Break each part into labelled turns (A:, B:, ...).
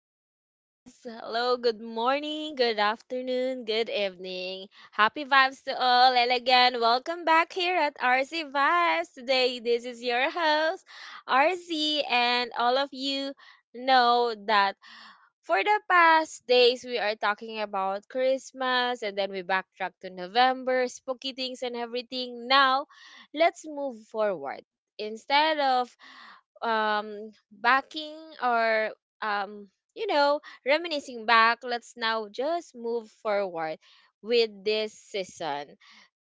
A: guys. Hello, good morning, good afternoon, good evening. Happy vibes to all. And again, welcome back here at RC Vibes. Today, this is your host, RC, and all of you know that for the past days we are talking about Christmas and then we backtrack to November, spooky things and everything. Now, let's move forward. Instead of backing or um you know reminiscing back, let's now just move forward with this season.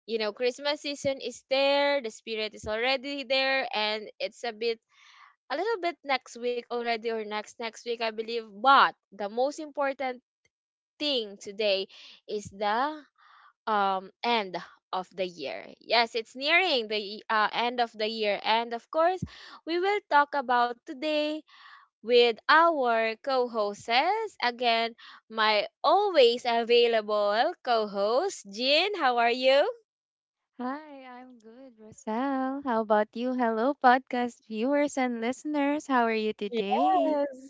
A: You know, Christmas season is there, the spirit is already there, and it's a bit a little bit next week already or next week, I believe. But the most important thing today is the end of the year. Yes, it's nearing the end of the year. And of course we will talk about today with our co-hosts. Again, my always available co-host, Jean. How are you?
B: Hi, I'm good, Rosal. How about you? Hello, podcast viewers and listeners. How are you today?
A: Yes.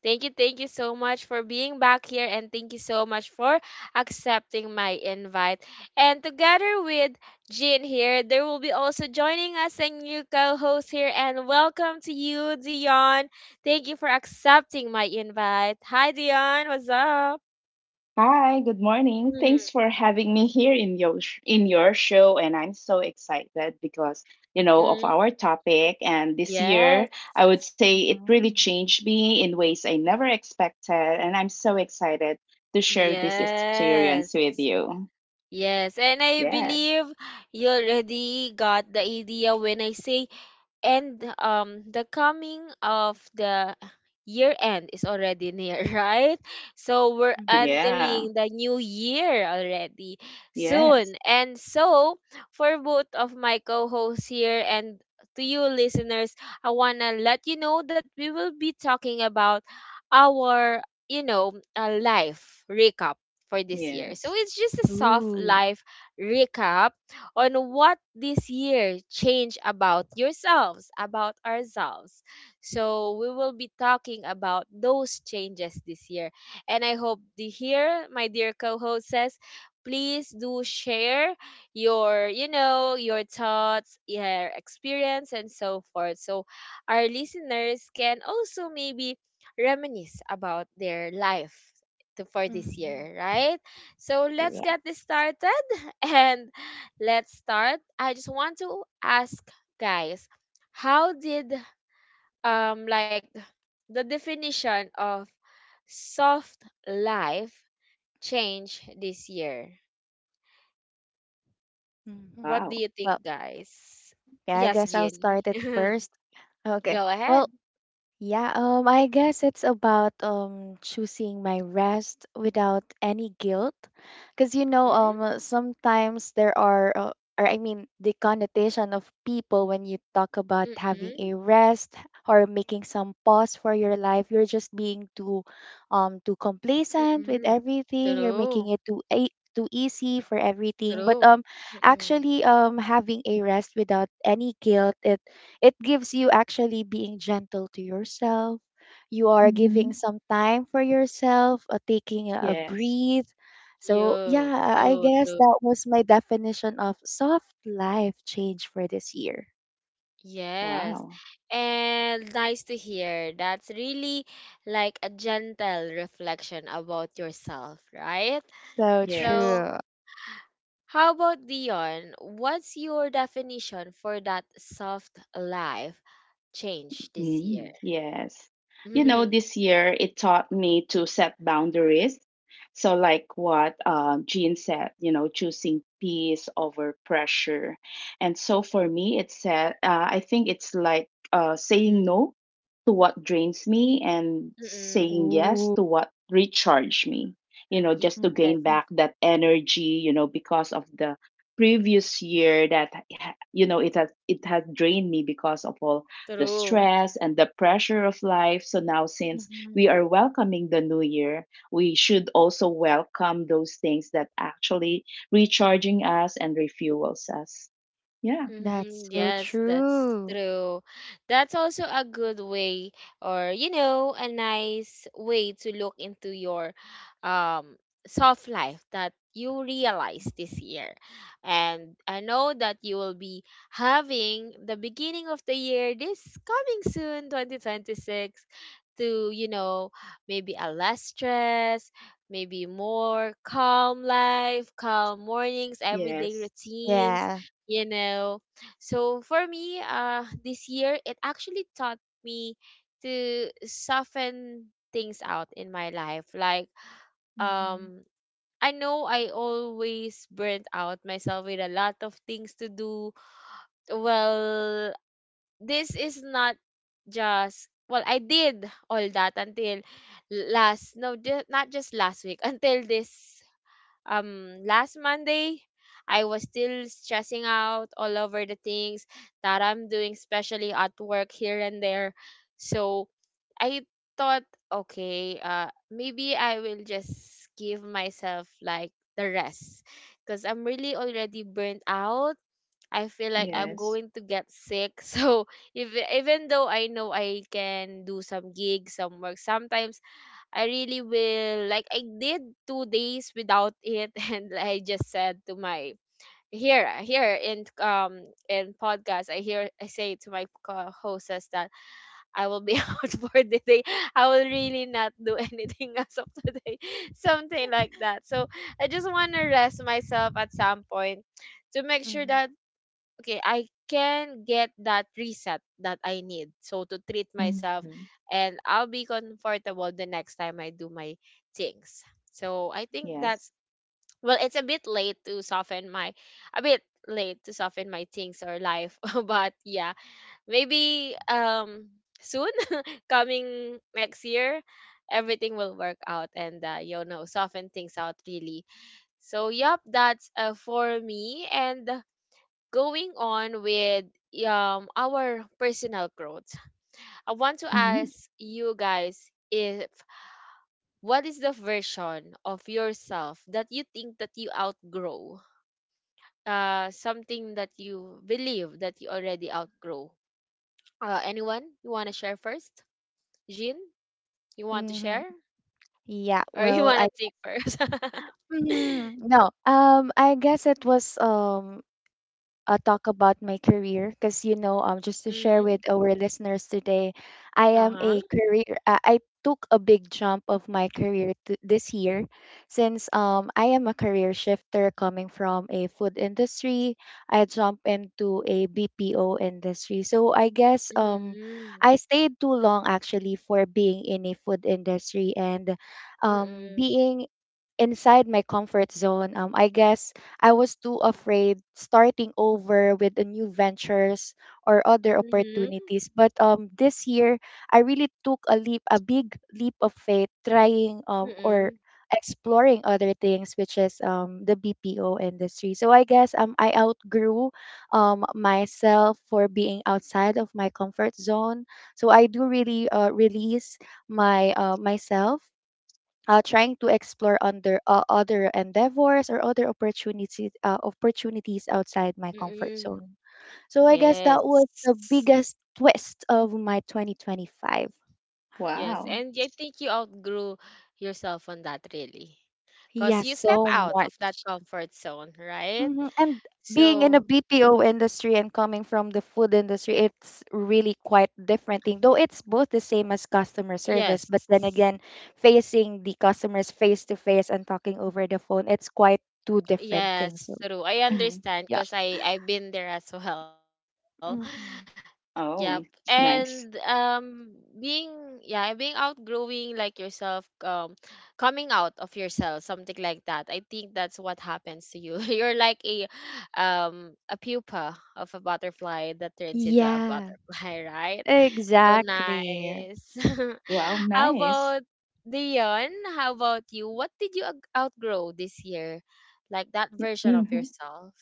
A: Thank you so much for being back here and thank you so much for accepting my invite. And together with Jean here, there will be also joining us a new co-host here, and welcome to you, Dion. Thank you for accepting my invite. Hi Dion, what's up?
C: Hi, good morning. Thanks for having me here in your in your show, and I'm so excited because, you know, of
A: Mm-mm.
C: our topic, and this year
A: Yes.
C: I would say it really
B: Hmm.
C: changed me in ways I never expected, and I'm so excited to share this
A: Yes.
C: experience with you.
A: Yes. And I
C: Yeah.
A: believe you already got the idea when I say, and the coming of the year end is already near, right? So we're
B: Mm-hmm.
C: Yeah.
A: entering the new year already
C: Yes.
A: soon. And so for both of my co-hosts here and to you listeners, I want to let you know that we will be talking about our, you know, life recap for this year.
C: Yes.
A: So it's just a soft
B: Ooh.
A: life recap on what this year changed about yourselves, about ourselves. So we will be talking about those changes this year. And I hope the here, my dear co hosts, please do share your, you know, your thoughts, your experience and so forth. So our listeners can also maybe reminisce about their life to, for this
B: Mm-hmm.
A: year, right? So let's get this
B: Yes.
A: started. And let's start. I just want to ask guys, how did like the definition of soft life change this year?
B: Mm-hmm.
A: What do
C: Wow.
A: you
B: Well,
A: think, guys?
B: yeah, I
A: Yes,
B: guess I'll
A: Jenny.
B: start it first. Okay.
A: Go ahead.
B: Well, Yeah, I guess it's about choosing my rest without any guilt, because you know,
A: Mm?
B: sometimes there are, or I mean, the connotation of people when you talk about having a
A: Mm-mm.
B: rest or making some pause for your life, you're just being too, too complacent with
A: Mm-mm.
B: everything. You're making
A: True.
B: it too a too easy for everything. But
A: True. Mm-mm.
B: actually, having a rest without any guilt, it gives you actually being gentle to yourself. You are
C: Mhm.
B: giving some time for yourself, taking a
C: Yes.
B: breathe. So,
A: You.
B: yeah, I
A: True.
B: guess
A: True.
B: that was my definition of soft life change for this year.
A: Yes.
C: Wow.
A: And nice to hear. That's really like a gentle reflection about yourself, right?
B: So
C: Yes.
A: So,
B: true.
A: how about Dion? What's your definition for that soft life change this
C: Mm,
A: year?
C: yes. You know, this year it taught me to set boundaries. So, like what Jean said, you know, choosing peace over pressure. And so for me, it said, I think it's like saying
A: Mm-hmm.
C: no to what drains me and
A: Mm-hmm.
C: saying yes
B: Ooh.
C: to what recharge me, you know, just to
B: Mhm,
A: Yes,
C: gain back that energy, you know, because of the previous year that, you know, it has drained me because of all the
A: true.
C: stress and the pressure of life. So now, since we
B: mhm.
C: are welcoming the new year, we should also welcome those things that actually recharging us and refuels us. Yeah.
A: Mm-hmm.
B: That's so
A: Yes, that's
B: true.
A: true. That's also a good way or, you know, a nice way to look into your um soft life that you realize this year. And I know that you will be having the beginning of the year this coming soon 2026, to, you know, maybe a less stress, maybe more calm life, calm mornings, everyday
C: Yes.
A: routines,
B: Yeah.
A: you know. So for me, this year it actually taught me to soften things out in my life. Like
B: Mm-hmm.
A: um, I know I always burnt out myself with a lot of things to do. Well, this is not just, well, I did all that until last, no, not just last week, until this last Monday I was still stressing out all over the things that I'm doing, especially at work here and there. So I thought, okay, maybe I will just give myself like the rest because I'm really already burnt out. I feel like I'm
B: Mm-hmm.
C: Yes.
A: going to get sick. So if, even though I know I can do some gigs, some work, sometimes I really will, like I did 2 days without it, and I just said to my here in podcast I hear I say to my co-hosts that I will be out for the day. I will really not do anything as of today. Something like that. So I just want to rest myself at some point to make sure
B: Mm-hmm.
A: that, okay, I can get that reset that I need. So to treat
C: Mm-hmm.
A: myself and I'll be comfortable the next time I do my things. So I think
C: Yes.
A: that's, well, it's a bit late to soften my a bit late to soften my things or life. But yeah, maybe soon coming next year everything will work out and, you know, soften things out really. So yep, that's, for me. And going on with our personal growth, I want to
C: Mm-hmm.
A: ask you guys, if what is the version of yourself that you think that you outgrow, uh, something that you believe that you already outgrow? Uh, anyone you want to share first? Jean, you want to
B: Mm-hmm.
A: share
B: Yeah.
A: or you
B: Well,
A: want to
B: I.
A: take first?
B: Mhm. No. I guess it was talk about my career, because you know just to share with
A: Mm-hmm.
B: our listeners today. I am
A: Uh-huh.
B: a career I took a big jump of my career to this year, since I am a career shifter coming from a food industry. I jump into a BPO industry, so I guess
A: Mm-hmm.
B: I stayed too long actually for being in a food industry, and
A: Mm-hmm.
B: being inside my comfort zone. I guess I was too afraid starting over with the new ventures or other
A: Mm-hmm. Hmm.
B: opportunities. But this year, I really took a big leap of faith, trying or
A: Mm.
B: exploring other things, which is the BPO industry. So I guess I outgrew myself for being outside of my comfort zone. So I do really release my myself, trying to explore under other endeavors or other opportunities outside my comfort
A: Mm-mm.
B: zone. So I guess that was the
A: Yes.
B: biggest twist of my 2025.
A: Yes, and
C: Wow.
A: I think you outgrew yourself on that really. Because
B: Yes,
A: you step
B: so
A: out of that
B: much.
A: comfort zone, right?
B: And being in a
A: So,
B: BPO industry and coming from the food industry, it's really quite different thing. Though it's both the same as customer service,
A: yes.
B: but then again, facing the customers face to face and talking over the phone, it's quite two different things. So
A: Yes, true. I
C: Mm-hmm.
A: understand
B: yeah.
A: because I've been there as well. Yep.
B: Hmm.
A: And
C: Oh, nice.
A: being, yeah, being outgrowing like yourself, coming out of yourself, something like that. I think that's what happens to you. You're like a pupa of a butterfly that turns into a
B: Yeah,
A: butterfly, right? So
B: exactly.
A: nice.
C: Wow.
A: How
C: Nice.
A: about Dion? How about you? What did you outgrow this year? Like that version of
C: Mm-hmm.
A: yourself.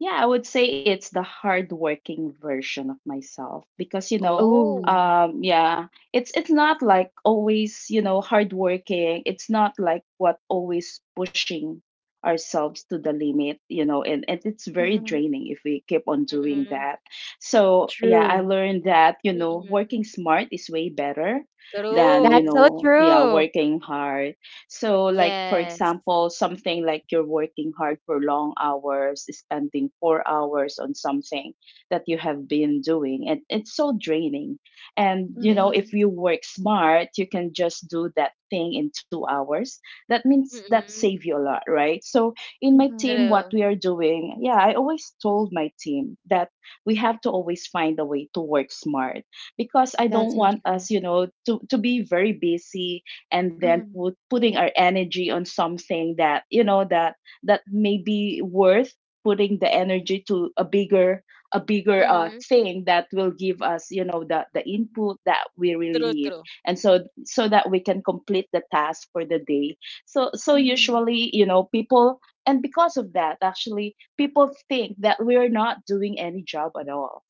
C: Yeah, I would say it's the hardworking version of myself because, you know,
B: Oh,
A: Oh.
C: yeah, it's not like always, you know, hardworking. It's not like what always pushing ourselves to the limit, you know, and it's very
B: hmm
C: draining if we keep on doing
A: Mm-mm.
C: that. So yeah, I
B: true.
C: learned that, you know,
A: Mm-mm.
C: working smart is way better than, you
B: That's
A: True.
B: so
C: know, yeah,
B: true.
C: working hard. So, like, for
A: Yes.
C: example, something like you're working hard for long hours, spending 4 hours on something that you have been doing, and it's so draining. And you know,
A: Yes.
B: Mm-hmm.
C: if you work smart, you can just do that thing in 2 hours. That means that
A: Mm-mm.
C: save you a lot, right? So, in my
B: Mm-hmm.
C: team, what
A: True.
C: we are doing, yeah, I always told my team that we have to always find a way to work smart because I don't
B: That's so
C: want
A: Mm-mm.
B: true.
C: us, you know, to be very busy and then
B: Mm-hmm.
C: putting our energy on something that, you know, that may be worth putting the energy to a bigger a bigger
A: Mm-hmm.
C: uh, thing that will give us, you know, the input that we
A: True,
C: really
A: true.
C: need, and so that we can complete the task for the day. So
B: Mm-hmm.
C: usually, you know, people, and because of that actually people think that we're not doing any job at all,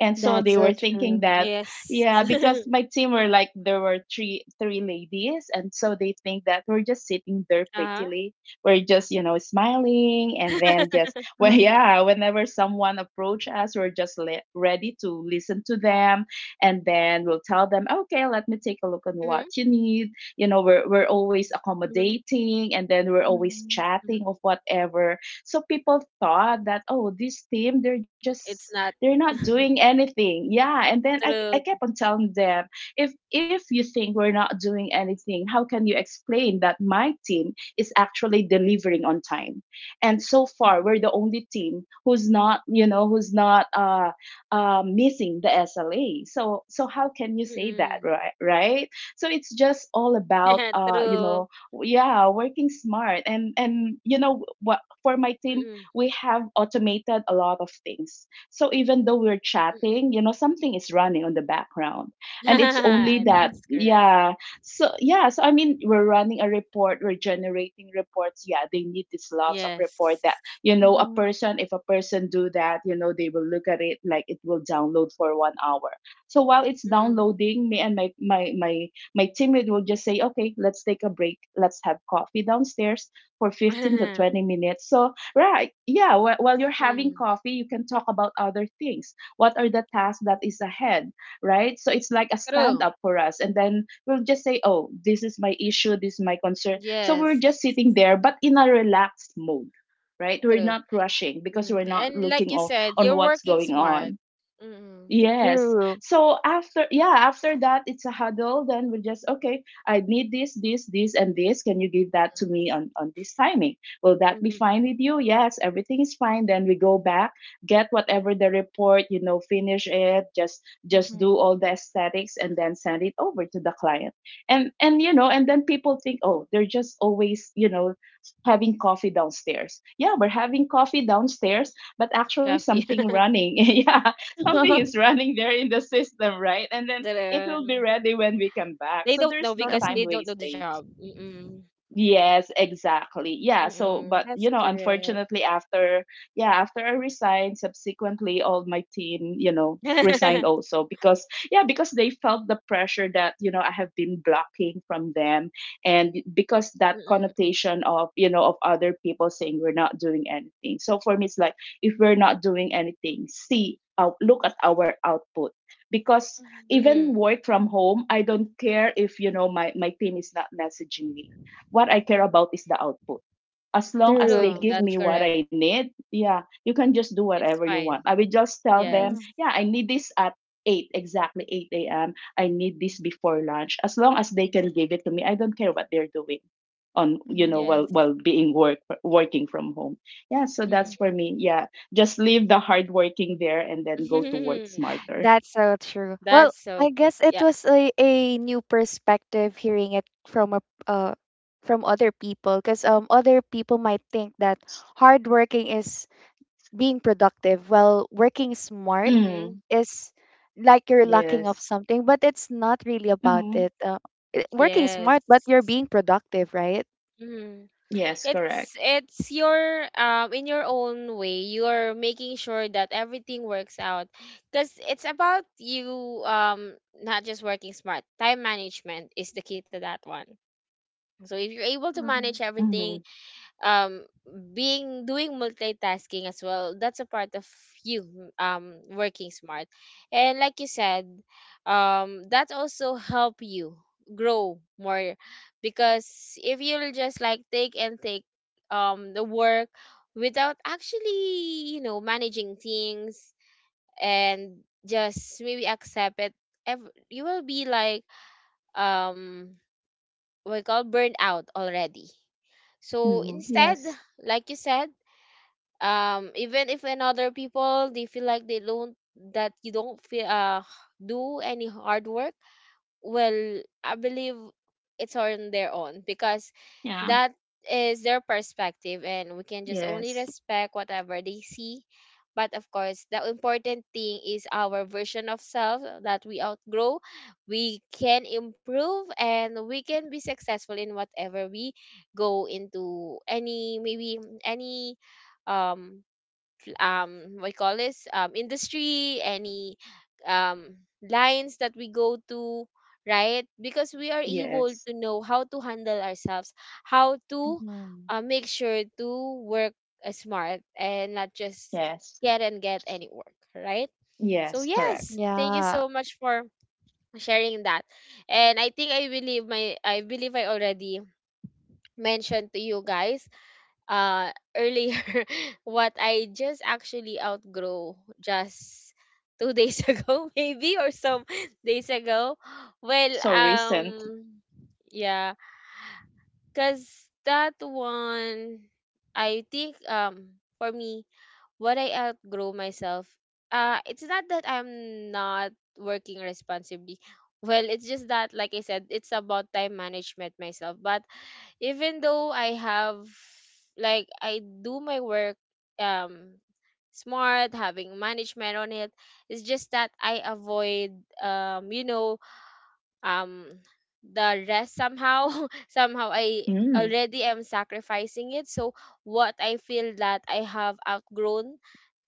C: and so
B: That's
C: they
B: so
C: were thinking
B: true.
C: that, yeah, because my team were like, there were three ladies, and so they think
A: Uh-huh.
C: that we're just sitting there prettily. We're just, you know, smiling, and then just well,
B: Mm-hmm.
C: yeah, whenever someone approach us, we're just ready to listen to them, and then we'll tell them, okay,
A: Mm-hmm.
C: let me take a look on what you need. You know, we're always
A: Mm-hmm.
C: accommodating, and then we're
A: Mm-hmm.
C: always chatting of whatever. So people thought that, oh, this team
A: It's not true.
C: they're not doing anything. Yeah, and then I kept on telling them, if you think we're not doing anything, how can you explain that my team is actually delivering on time, and so far
B: Mm-hmm.
C: we're the only team who's not, you know, who's not missing the SLA. So how can you say that,
A: Mm-mm.
C: right? Right, so it's just
A: True.
C: all about you know, yeah, working smart. And you know what,
A: Mm-mm.
C: for my team, we have automated a lot of things, so even though we're
A: Mm-mm.
C: chatting, you know, something is running on the background. And it's
A: That's
C: only that,
B: Mm-hmm.
A: correct.
C: yeah. So, yeah. So, I mean, we're running a report, we're generating reports. Yeah. They need these lots of report that,
A: Yes.
C: you know, a person, if a person do that, you know, they will look at it like it will download for 1 hour. So while it's
A: Mm-mm.
C: downloading, me and my teammate will just say, okay, let's take a break. Let's have coffee downstairs for 15 to 20 minutes. So right. Yeah. While you're having
A: Mm-mm.
C: coffee, you can talk about other things. What are the tasks that is ahead? Right. So it's like a stand
A: True.
C: up for us. And then we'll just say, oh, this is my issue. This is my concern. So we're
A: Yes.
C: just sitting there, but in a relaxed mode. Right. We're
A: True.
C: not rushing because
A: Mm.
C: we're not
A: And
C: looking
A: like you
C: on,
A: said,
C: on
A: you're
C: what's
A: working
C: going
A: smart.
C: on.
A: Mm-mm.
C: Yes.
B: True.
C: So after that, it's a huddle. Then we just, okay, I need this, this, this, and this. Can you give that to me on this timing? Will that be
A: Mm-hmm.
C: fine with you? Yes, everything is fine. Then we go back, get whatever the report, you know, finish it, just
B: Mm-hmm.
C: do all the aesthetics, and then send it over to the client. And, you know, and then people think, oh, they're just always, you know, having coffee downstairs. Yeah, we're having
A: Coffee.
C: coffee downstairs, but actually something running. Yeah. Something is
A: That,
C: running there in the
A: um,
C: system, right? And then it
A: they
C: will be
A: don't know
C: ready when
A: because
C: we
A: they
C: come
A: don't know
C: back.
A: the
C: So
A: job.
C: there's no time
B: true.
A: Mm-mm.
C: wasted. Yes,
A: Mm-mm. That's
C: exactly. Yeah, so
A: correct.
C: but you know, unfortunately after I resigned, subsequently all my team, you know, resigned also because, yeah, because they felt the pressure that, you know, I have been blocking from them, and because
A: Mm-mm.
C: that connotation of, you know, of other people saying we're not doing anything. So for me it's like, if we're not doing anything, see out look at our output, because
B: Mm-hmm.
A: Mm-hmm.
C: even work from home, I don't care if, you know, my team is not messaging me. What I care about is the output. As long as they
A: True.
B: That's
C: give
B: so
A: That's
C: me
B: true.
C: what
A: correct.
C: I need, yeah, you can just do whatever
A: It's
C: you want. I
A: fine.
C: will just tell them,
B: Mm-hmm.
A: Yes.
C: yeah, I need this at 8, exactly 8 a.m. I need this before lunch. As long as they can give it to me, I don't care what they're doing on, you know, while
A: Yes.
C: while being working from home. Yeah, so that's
B: Mm-hmm.
C: for
A: Mm-mm.
C: me. Yeah, just leave the hard working there, and then go to work smarter.
B: That's so true. Well,
A: That's so
B: I
A: true.
B: guess it
A: Yeah.
B: was a new perspective hearing it from a uh from other people, because other people might think that hard working is being productive, while working smart
C: Mm,
A: Mm-hmm.
B: is like you're
C: yes.
B: lacking of something, but it's not really about
C: Hmm.
B: it. Working smart but
A: Yes.
B: you're being productive, right?
A: Mm.
C: Yes, correct.
A: It's your in your own way you're making sure that everything works out, because it's about you, not just working smart. Time management is the key to that one. So if you're able to manage
B: Mhm.
C: Hmm.
A: everything, um being doing multitasking as well, that's a part of you working smart. And like you said, that also help you grow more. Because if you'll just like take and take the work without actually, you know, managing things, and just maybe accept it, you will be like um what we call burned out already. So
C: Hmm.
A: instead,
C: Yes.
A: like you said, even if in other people they feel like they don't, that you don't feel do any hard work, well, I believe it's on their own, because
C: Yeah.
A: that is their perspective and we can just only
C: Yes,
A: respect whatever they see. But of course the important thing is our version of self that we outgrow. We can improve and we can be successful in whatever we go into, any maybe any um what you call this, industry, any um lines that we go to, right? Because we are able
C: yes,
A: to know how to handle ourselves, how to,
B: Mhm.
A: make sure to work, smart and not just
C: yes,
A: get and get any work, right? So
C: yes, correct.
A: yes, thank you
B: Yeah.
A: so much for sharing that. And I think I believe my I believe I already mentioned to you guys, uh, earlier what I just actually outgrow just 2 days ago maybe or some days ago. Well,
C: So recent.
A: yeah, cuz that one I think, for me, what I outgrow myself, uh, it's not that I'm not working responsibly. Well, it's just that like I said, it's about time management myself. But even though I have, like, I do my work um smart, having management on it, it's just that I avoid you know um the rest somehow. Somehow I
C: Mm,
A: already am sacrificing it. So what I feel that I have outgrown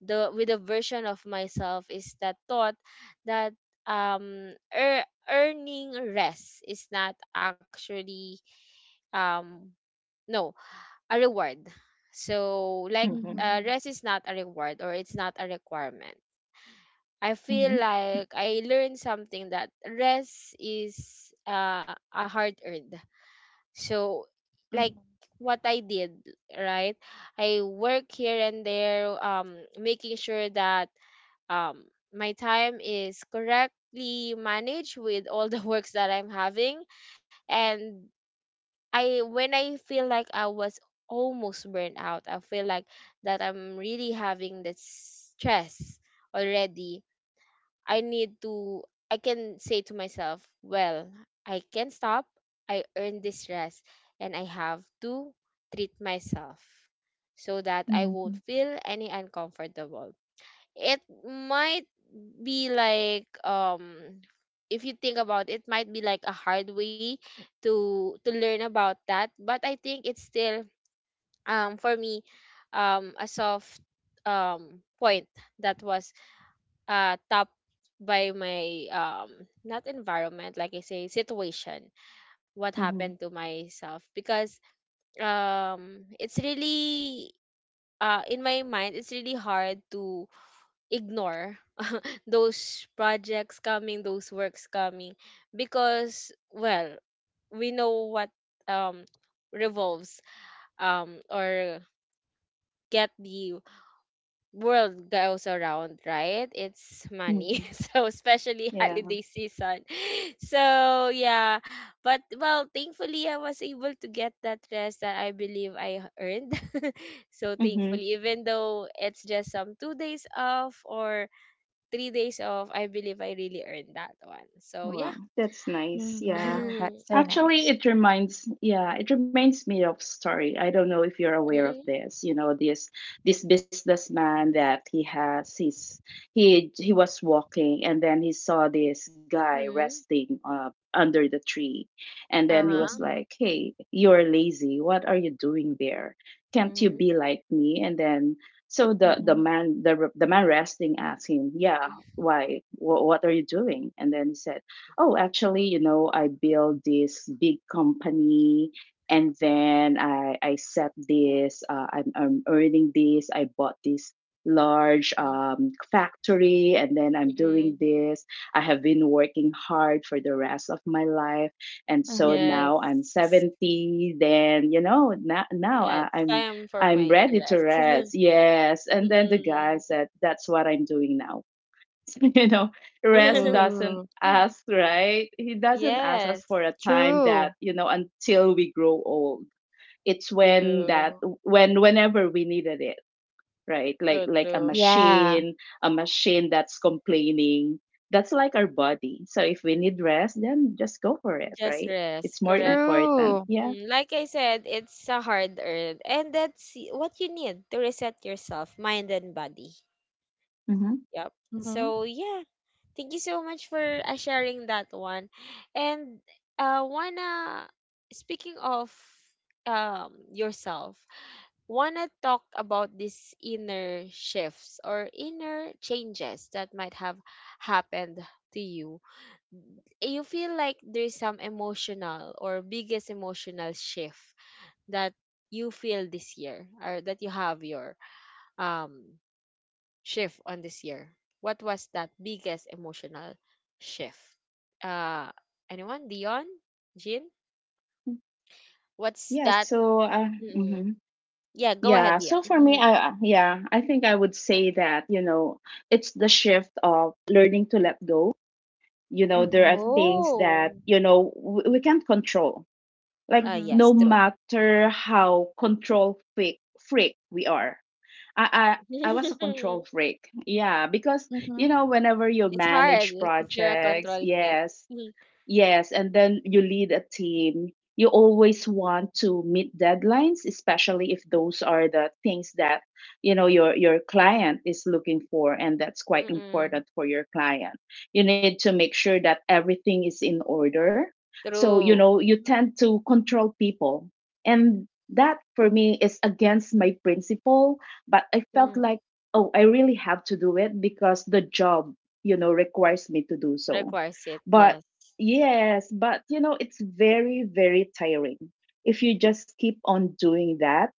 A: the with the version of myself is that thought that um ear earning rest is not actually um no a reward. So like,
C: mhm,
B: Mhm.
A: rest is not a reward or it's not a requirement. I feel
C: mhm,
A: like I learned something that rest is, a hard earned. So
B: Mhm.
A: like what I did, right? I work here and there, making sure that um my time is correctly managed with all the works that I'm having, and I when I feel like I was almost burnt out, I feel like that I'm really having the stress already. I need to, I can say to myself, well, I can stop. I earned this rest and I have to treat myself so that I won't
C: mhm,
A: feel any uncomfortable. It might be like if you think about it, might be like a hard way to learn about that, but I think it's still for me a soft point that was top by my not environment, like I say, situation, what happened
C: mhm,
A: to myself. Because it's really in my mind it's really hard to ignore those projects coming, those works coming, because, well, we know what um revolves or get the world goes around, right? It's money.
C: mhm,
A: So especially
C: yeah.
A: holiday season. So yeah, but, well, thankfully I was able to get that rest that I believe I earned. So
C: Mhm.
A: thankfully, even though it's just some 2 days off or 3 days off, I believe I really earned that one. So yeah.
C: Wow, that's nice. Yeah.
B: Mhm.
A: Mm-hmm.
B: That's so
C: Actually,
B: nice.
C: it reminds me of story. I don't know if you're aware of this. You know, this businessman that he has, his he was walking, and then he saw this guy resting under the tree, and then he was
A: Uh-huh.
B: Mhm.
C: like, "Hey, you're lazy. What are you doing there? Can't you
A: Mm-hmm.
C: be like me?" And then so the the
B: Mhm.
C: man the the man resting asked him, "Yeah, why? What are you doing?" And then he said, oh, actually, you know, I built this big company, and then I set this, I'm earning this, I bought this large factory, and then I'm doing
A: Mm-hmm.
C: this. I have been working hard for the rest of my life. And so
B: Mhm.
C: now I'm
A: Yes.
C: 70, then, you know, now
A: Yeah,
C: I,
A: it's
C: I'm,
A: time for
C: I'm
A: my to
C: ready to
A: rest.
C: rest. Yes. And then the guy
A: Mm-mm.
C: said, that's what I'm doing now. You know, rest doesn't
B: Ooh.
C: ask, right? He doesn't ask us
A: Yes.
C: for a time, that,
B: True.
C: you know, until we grow old. It's when that
A: You
C: when whenever we needed it, right? like
A: true
C: like a
A: true.
B: Yeah.
C: machine, a machine that's complaining, that's like our body. So if we need rest, then just go for it,
A: Just
C: right?
A: rest,
C: It's more
A: correct?
C: important.
B: True.
C: Yeah.
A: Mm. Like I said, it's a hard earned, and that's y- what you need to reset yourself, mind and body.
C: Hmm.
A: Yep.
B: Mhm.
A: So yeah. Thank you so much for sharing that one. And wanna speaking of yourself, wanna talk about these inner shifts or inner changes that might have happened to you. You feel like there's some emotional or biggest emotional shift that you feel this year, or that you have your um shift on this year? What was that biggest emotional shift? Uh, Anyone? Dion? Jean? What's
C: Yeah,
A: that?
C: so
A: Mm-mm.
C: mhm.
A: Yeah, go ahead,
C: Yeah,
A: Dion.
C: so for me,
A: Mhm.
C: I think I would say that, you know, it's the shift of learning to let go. You know, there are
B: Mhm.
C: things that,
A: Oh,
C: you know, we can't control. Like
A: ah,
B: Mhm.
A: yes,
C: no
A: true.
C: matter how control freak we are. I I was a control freak. Yeah, because, you
B: Mhm.
C: know, whenever you
A: It's hard
C: manage
A: if you're a
C: projects,
A: control freak.
C: yes,
A: Mhm.
C: yes, and then you lead a team. You always want to meet deadlines, especially if those are the things that, you know, your client is looking for, and that's quite
A: Mm-mm.
C: important for your client. You need to make sure that everything is in order. So you
A: True.
C: know, you tend to control people, and that for me is against my principle. But I felt
A: Mm.
C: like, oh, I really have to do it because the job, you know, requires me to do so,
A: Requires it,
C: but
A: yes.
C: yes, but you know, it's very, very tiring if you just keep on doing that.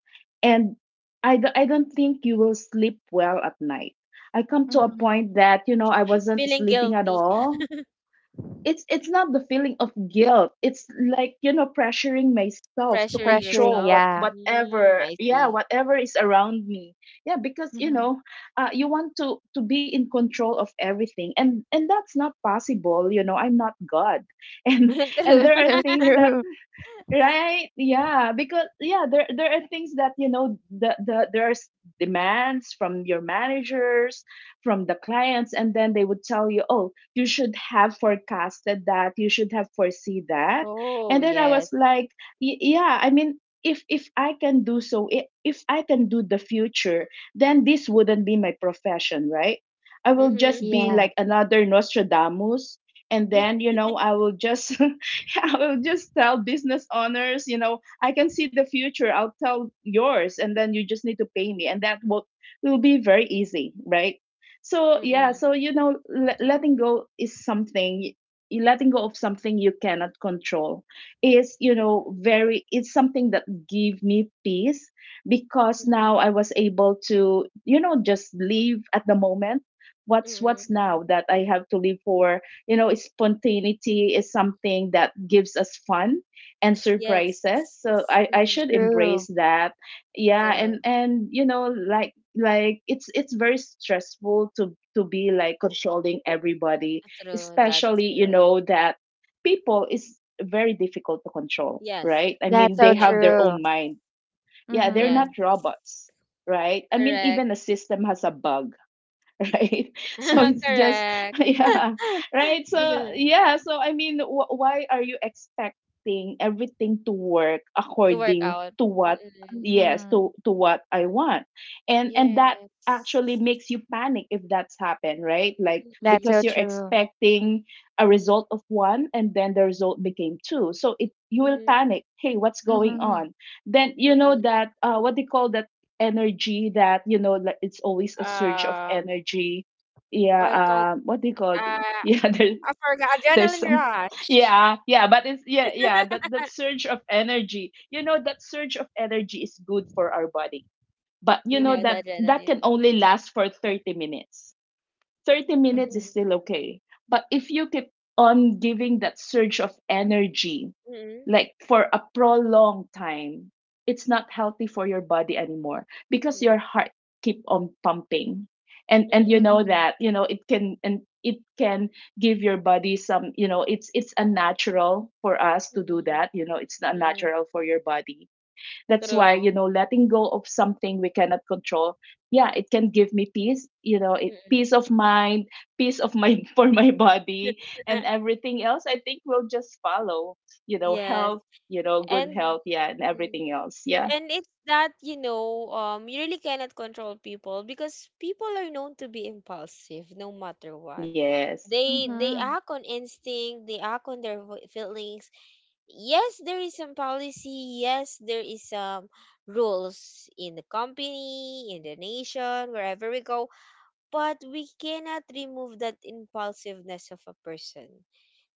C: And I don't think you will sleep well at night. I come to a
B: Mm-hmm.
C: point that, you know, I wasn't
A: Feeling
C: sleeping at
A: guilty,
C: all. It's not the feeling of guilt, it's like, you know, pressuring myself to
A: pressuring
B: Pressuring,
C: control
A: yourself.
C: what
B: yeah.
A: Mm,
C: whatever
A: I
C: yeah,
A: see.
C: whatever is around me. Yeah, because you
B: Mm-hmm.
C: know, you want to be in control of everything, and that's not possible. You know, I'm not God. and and
A: True.
B: That's
C: there are
B: so
C: things that.
B: true.
C: Right? Yeah, because yeah, there are things that you know the there's demands from your managers, from the clients, and then they would tell you, oh, you should have forecasted that, you should have foresee that,
A: Oh,
C: and then I
A: yes.
C: was like, yeah, I mean, if I can do so, if I can do the future, then this wouldn't be my profession, right? I will
A: Mm-hmm.
C: just be
B: Yeah.
C: like another Nostradamus, and then you know I will just I will just tell business owners, you know, I can see the future. I'll tell yours, and then you just need to pay me, and that will be very easy, right? So yeah,
A: Mm,
C: so you know, letting go is something. Letting go of something you cannot control is, you know, very. It's something that give me peace because
A: mm,
C: now I was able to, you know, just live at the moment. What's
A: mm.
C: what's
B: Mm-hmm.
C: now that I have to live for. You know, spontaneity is something that gives us fun and
A: Yes.
C: surprises, so I
A: Mm,
C: should embrace
B: True.
C: that. Yeah,
A: true.
C: and you know, like it's very stressful to be like controlling everybody,
A: True. That's
C: especially you
A: correct.
C: know that people is very difficult to control,
A: Yes.
C: right? I
B: That's
C: mean, they
B: so
A: Yes.
C: have their
B: true.
C: own mind. Yeah, they're
B: Mm-hmm.
A: Yes.
C: not robots, right? I mean,
A: Correct.
C: even a system has a bug, right. So it's just
A: Correct.
C: yeah, right. So yeah, so I mean, why are you expecting everything to work
A: To work
C: according
A: out.
C: to what.
A: Mm-mm.
C: Yes,
B: Mm-hmm.
C: to what I want, and that actually
A: Yes.
C: makes you panic if that's happened, right? Like,
B: That's
C: because
B: so
A: Mm-mm.
C: you're
B: true.
C: expecting a result of one and then the result became two, so it, you will
A: Mm-mm.
C: panic. Hey, what's going
B: Mm-hmm.
C: on? Then you know
A: Mm-mm.
C: that, what they call that energy, that, you know, like, it's always a surge of
A: Um,
C: energy.
A: what it called?
C: Yeah, what do you call
A: Uh,
C: it? Yeah, there's
A: I forgot.
C: there's
A: Adrenaline
C: some.
A: rush.
C: Yeah, yeah, but it's, yeah, yeah, that surge of energy, you know, that surge of energy is good for our body, but you
A: You
C: know
A: know, the
B: Mm-hmm.
C: that can
A: adrenaline.
C: only last for 30 minutes. 30 minutes
B: Mm-hmm.
C: is still
A: Mm-mm.
C: okay. But if you keep on giving that surge of energy,
A: Mm-mm.
C: like, for a prolonged time, it's not healthy for your body anymore because
A: Mm-mm.
C: your heart keep on pumping. And you
A: Mm-mm.
C: know
B: Mm-hmm.
C: that, you know, it can give your body some, you know, it's unnatural for us to do
A: Mm-mm.
C: that. You know, it's not
A: Mm-mm.
C: natural for your body. That's why, you
A: True.
C: know, letting go of something we cannot control, yeah, it can give me peace. You know, it
A: Mm-mm.
C: peace of mind, peace of mind for my body, and everything else, I think, will just follow. You know,
A: Yes.
C: health, you know, good
A: And
C: health, yeah, and
A: mm,
C: everything else, yeah.
A: and it's that, you know, you really cannot control people because people are known to be impulsive no matter what.
C: Yes,
A: They
B: Mm-hmm.
A: act on instinct, they act on their vo- feelings. Yes, there is some policy, yes, there is some rules in the company, in the nation, wherever we go, but we cannot remove that impulsiveness of a person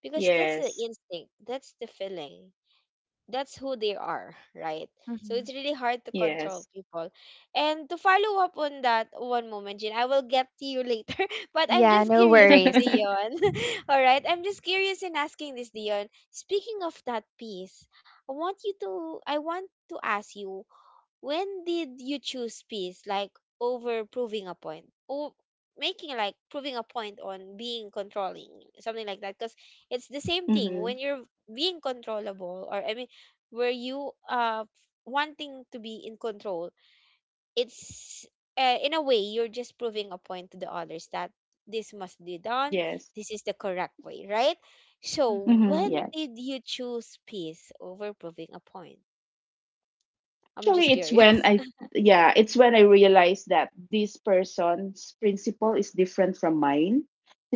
A: because that's the
C: yes,
A: instinct, that's the feeling that's who they are, right? So
B: Mm-hmm.
A: it's really hard to control
C: yes.
A: people. And to follow up on that one moment, Jin, I will get to you later. But I'm
B: Yeah,
A: just
B: no
A: curious to
B: worries.
A: Dion. All right. I'm just curious in asking this, Dion. Speaking of that piece, I want to ask you, when did you choose peace, like over proving a point? Or making like proving a point on being controlling, something like that? Because it's the same thing
C: Mm-hmm.
A: when you're being controllable, or I mean, were you wanting to be in control, it's in a way you're just proving a point to the others that this must be done,
C: Yes.
A: this is the correct way, right? So
B: Mm-hmm.
C: Mm-hmm.
A: when
C: Yes.
A: did you choose peace over proving a point? I'm just
C: Actually, it's when
A: curious.
C: I, yeah, it's when I realized that this person's principle is different from mine,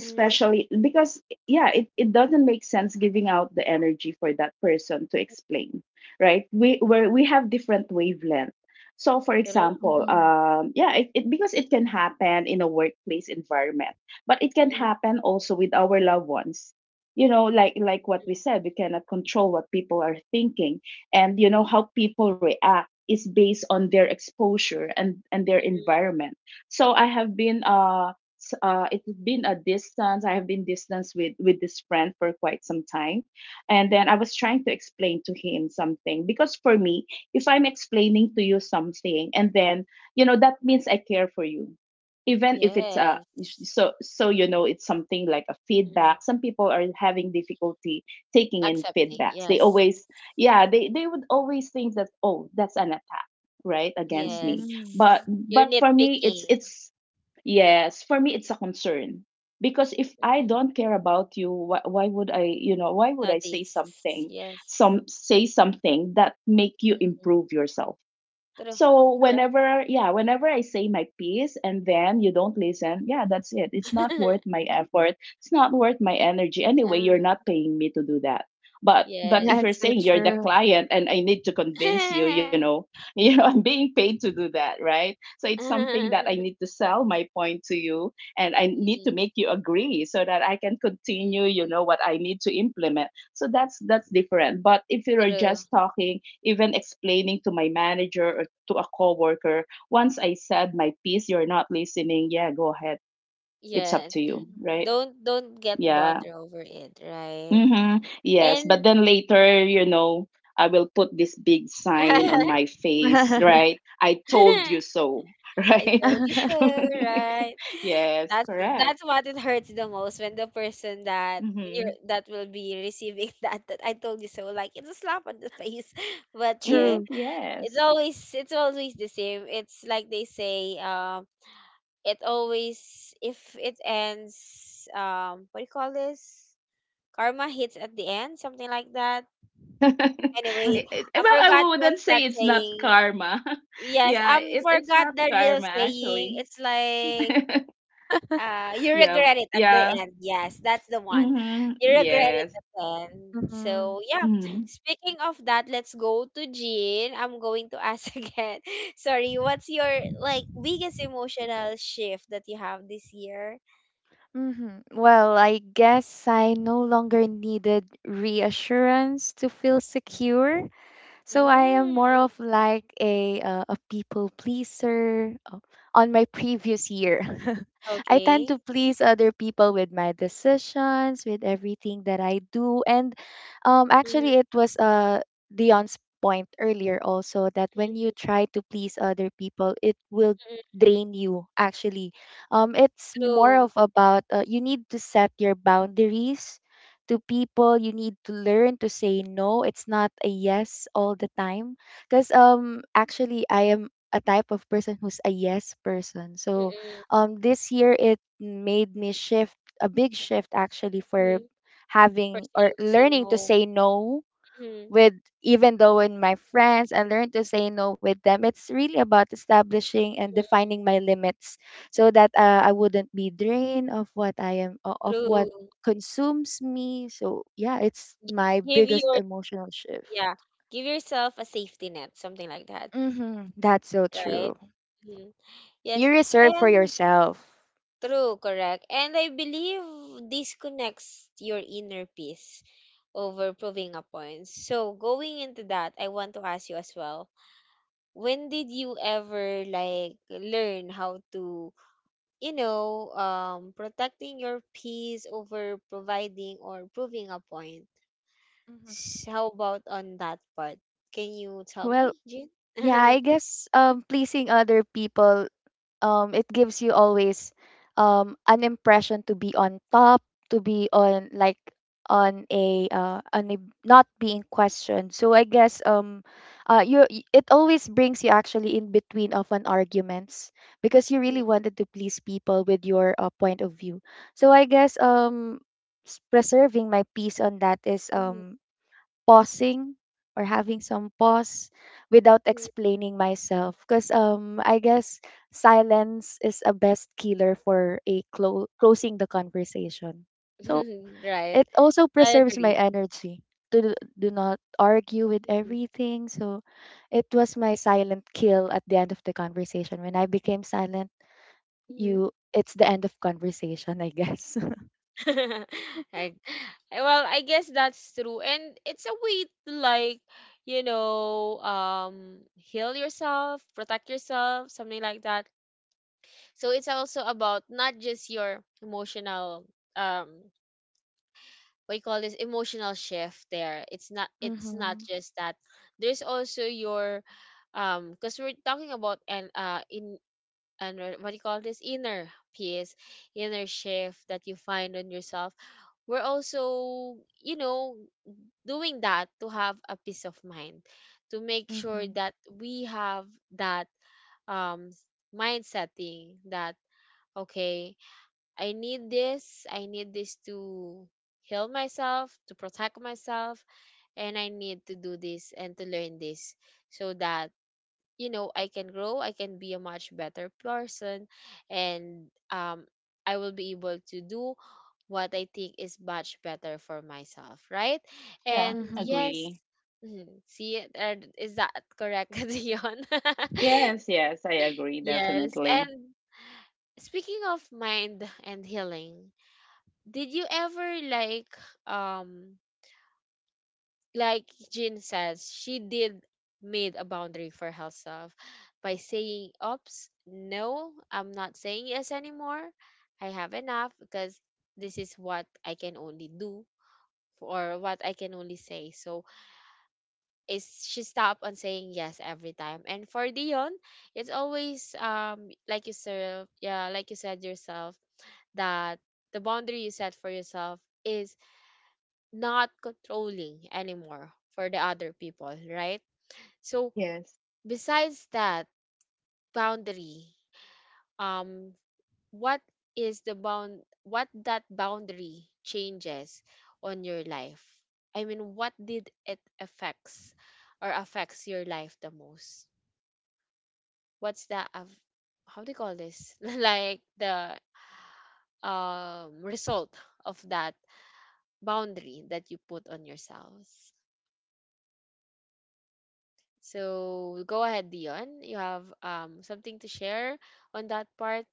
C: because, yeah, it doesn't make sense giving out the energy for that person to explain, right? We have different wavelength. So, for
A: Mm-hmm.
C: example,
B: Mm-hmm.
C: yeah, it because it can happen in a workplace environment, but it can
A: Mm-mm,
C: happen also with our loved ones. You know, like what we said, we cannot control what people are thinking, and you know
A: mhm,
C: how people react is based on their exposure and their
A: mhm,
C: environment. So I have been it's been a distance. I have been distance with this friend for quite some time, and then I
A: mhm.
C: was trying to explain to him something because for me, if I'm explaining to you something, and then you know that means I care for you, even if it's a.
A: Yes.
C: So, you know, it's something like a feedback.
A: Mm-mm.
C: Some people are having difficulty taking in
A: Accepting.
C: feedbacks. They
A: Yes.
C: always Yeah, they would always think that, oh, that's an attack, right, against me.
A: Yes.
B: Mm-hmm.
C: but
A: You're
C: but for me, it's
A: nitpicking.
C: it's yes, for me, it's a concern, because if I
A: Mm-mm.
C: don't care about you, why would I, you know, why would I say
A: Notice.
C: something,
A: Yes.
C: some say something that make you
A: Mm.
C: improve yourself.
A: True. That's
C: So
A: correct.
C: whenever, yeah, whenever I say my piece and then you don't listen, yeah, that's it. It's not worth my effort. It's not worth my energy. Anyway, you're
A: Uh,
C: not paying me to do that. But but
A: yes.
C: if you're
B: That's so
C: saying you're the
B: true.
C: client and I need to convince you, you know, you know, I'm being paid to do that, right? So it's something that I
A: Mm-mm,
C: need to sell my point to you, and I need to make you agree so that I can continue, you
A: mm-mm.
C: know, what I need to implement. So that's different. But if you're
A: True.
C: just talking, even explaining to my manager or to a coworker, once I said my piece, you're not listening. Yeah, go ahead. It's up to
A: Yes.
C: you, right?
A: Don't get
C: Yeah.
A: butter over it, right?
C: Mm-hmm. Yes. But then
A: And
C: later, you know, I will put this big sign on my face,
B: Mm-hmm.
C: right? I told you so,
A: I
C: right?
A: told you so, right?
C: Yes,
A: That's that's
C: correct.
A: what it hurts the most when the person that
C: Mm-hmm.
A: you are that will be receiving that that I told you so, like it's a slap on the face. But
C: Mm-hmm.
A: yeah,
B: True.
C: Yes.
A: it's always the same. It's like they say, it always if it ends, what do you call this? Karma hits at the end, something like that. Anyway, I
C: Well,
A: forgot
C: I wouldn't
A: what's that
C: say it's not
A: saying.
C: karma.
A: Yes,
C: Yeah,
A: I
C: it's
A: forgot
C: not
A: the real
C: karma,
A: saying.
C: actually.
A: It's like You
C: Yeah.
A: regret it at the
C: Yeah.
A: end. Yes, that's the one.
C: Mhm.
A: You regret it
C: Yes.
A: at the end.
B: Mm-hmm.
A: So yeah.
C: Mhm.
A: Speaking of that, let's go to Jean. I'm going to ask again. Sorry, what's your like biggest emotional shift that you have this year?
B: Hmm. Well, I guess I no longer needed reassurance to feel secure. So I am
A: Mm,
B: more of like a people pleaser on my previous year. I tend
A: okay.
B: to please other people with my decisions, with everything that I do. And
A: Mm-hmm,
B: actually, it was Dion's point earlier also, that when you
A: mm-hmm,
B: try to please other people, it will
A: mm-hmm.
B: drain you actually. It's more of
A: True.
B: about you need to set your boundaries to people. You need to learn to say no. It's not a yes all the time. Because actually I am a type of person who's a yes person. So
A: Mm-mm,
B: this year it made me shift, a big shift actually, for
A: mm-hmm.
B: having
A: First
B: or
A: thing to say
B: learning to
A: no.
B: say no
A: Mm-hmm,
B: with, even though in my friends, and learn to say no with them. It's really about establishing and
A: mm-hmm.
B: defining my limits, so that I wouldn't be drained of what I am o- of what
A: True.
B: consumes me. So yeah, it's
A: Gi-
B: my
A: Give
B: biggest
A: your
B: emotional shift.
A: yeah. Give yourself a safety net, something like that,
B: Hmm, that's so
A: right?
B: true. You
A: Yes,
B: reserve for
A: and
B: yourself.
A: true, correct. And I believe this connects your inner peace over proving a point. So going into that, I want to ask you as well. When did you ever like learn how to, you know, protecting your peace over providing or proving a point?
B: Hmm.
A: S- How about on that part? Can you tell
B: Well,
A: me, Jin?
B: yeah, I guess pleasing other people, it gives you always an impression to be on top, to be on like on a not being questioned. So I guess you it always brings you actually in between of an arguments, because you
A: Mm,
B: really wanted to please people with your point of view. So I guess preserving my peace on that is
A: mm,
B: pausing, or having some pause without
A: mm.
B: explaining myself, because I guess silence is a best killer for a closing the conversation. So
A: Right.
B: it also
A: I
B: preserves my
A: agree.
B: energy to do not argue with everything. So it was my silent kill at the end of the conversation. When I became silent,
A: Hmm.
B: you it's the end of conversation, I guess.
A: I, well, I guess that's true. And it's a way to like, you know, heal yourself, protect yourself, something like that. So it's also about not just your emotional, um, what you call this emotional shift there. It's not
B: Mm-hmm.
A: just that. There's also your, because we're talking about and in and what do you call this inner peace, inner shift that you find on yourself. We're also, you know, doing that to have a peace of mind, to make sure
B: Mm-hmm.
A: that we have that um mind setting that okay, I need this to heal myself, to protect myself, and I need to do this and to learn this so that you know I can grow, I can be a much better person, and I will be able to do what I think is much better for myself, right? And
C: Yeah,
B: Mm-hmm.
A: yes,
C: agree.
A: mhm, see is that correct? Dion.
C: Yes, yes, I agree
A: Yes,
C: definitely.
A: and speaking of mind and healing, did you ever um like Jin says, she did made a boundary for herself by saying, "Oops, no, I'm not saying yes anymore. I have enough because this is what I can only do or what I can only say." So is she stopped on saying yes every time. And for Dion, it's always like you said, yeah, like you said yourself that the boundary you set for yourself is not controlling anymore for the other people, right? So
C: Yes.
A: besides that boundary, um, what what that boundary changes on your life? I mean, what did it affects or affects your life the most? What's the af- how do you call this? Like the result of that boundary that you put on yourselves. So go ahead, Dion. You have something to share on that part.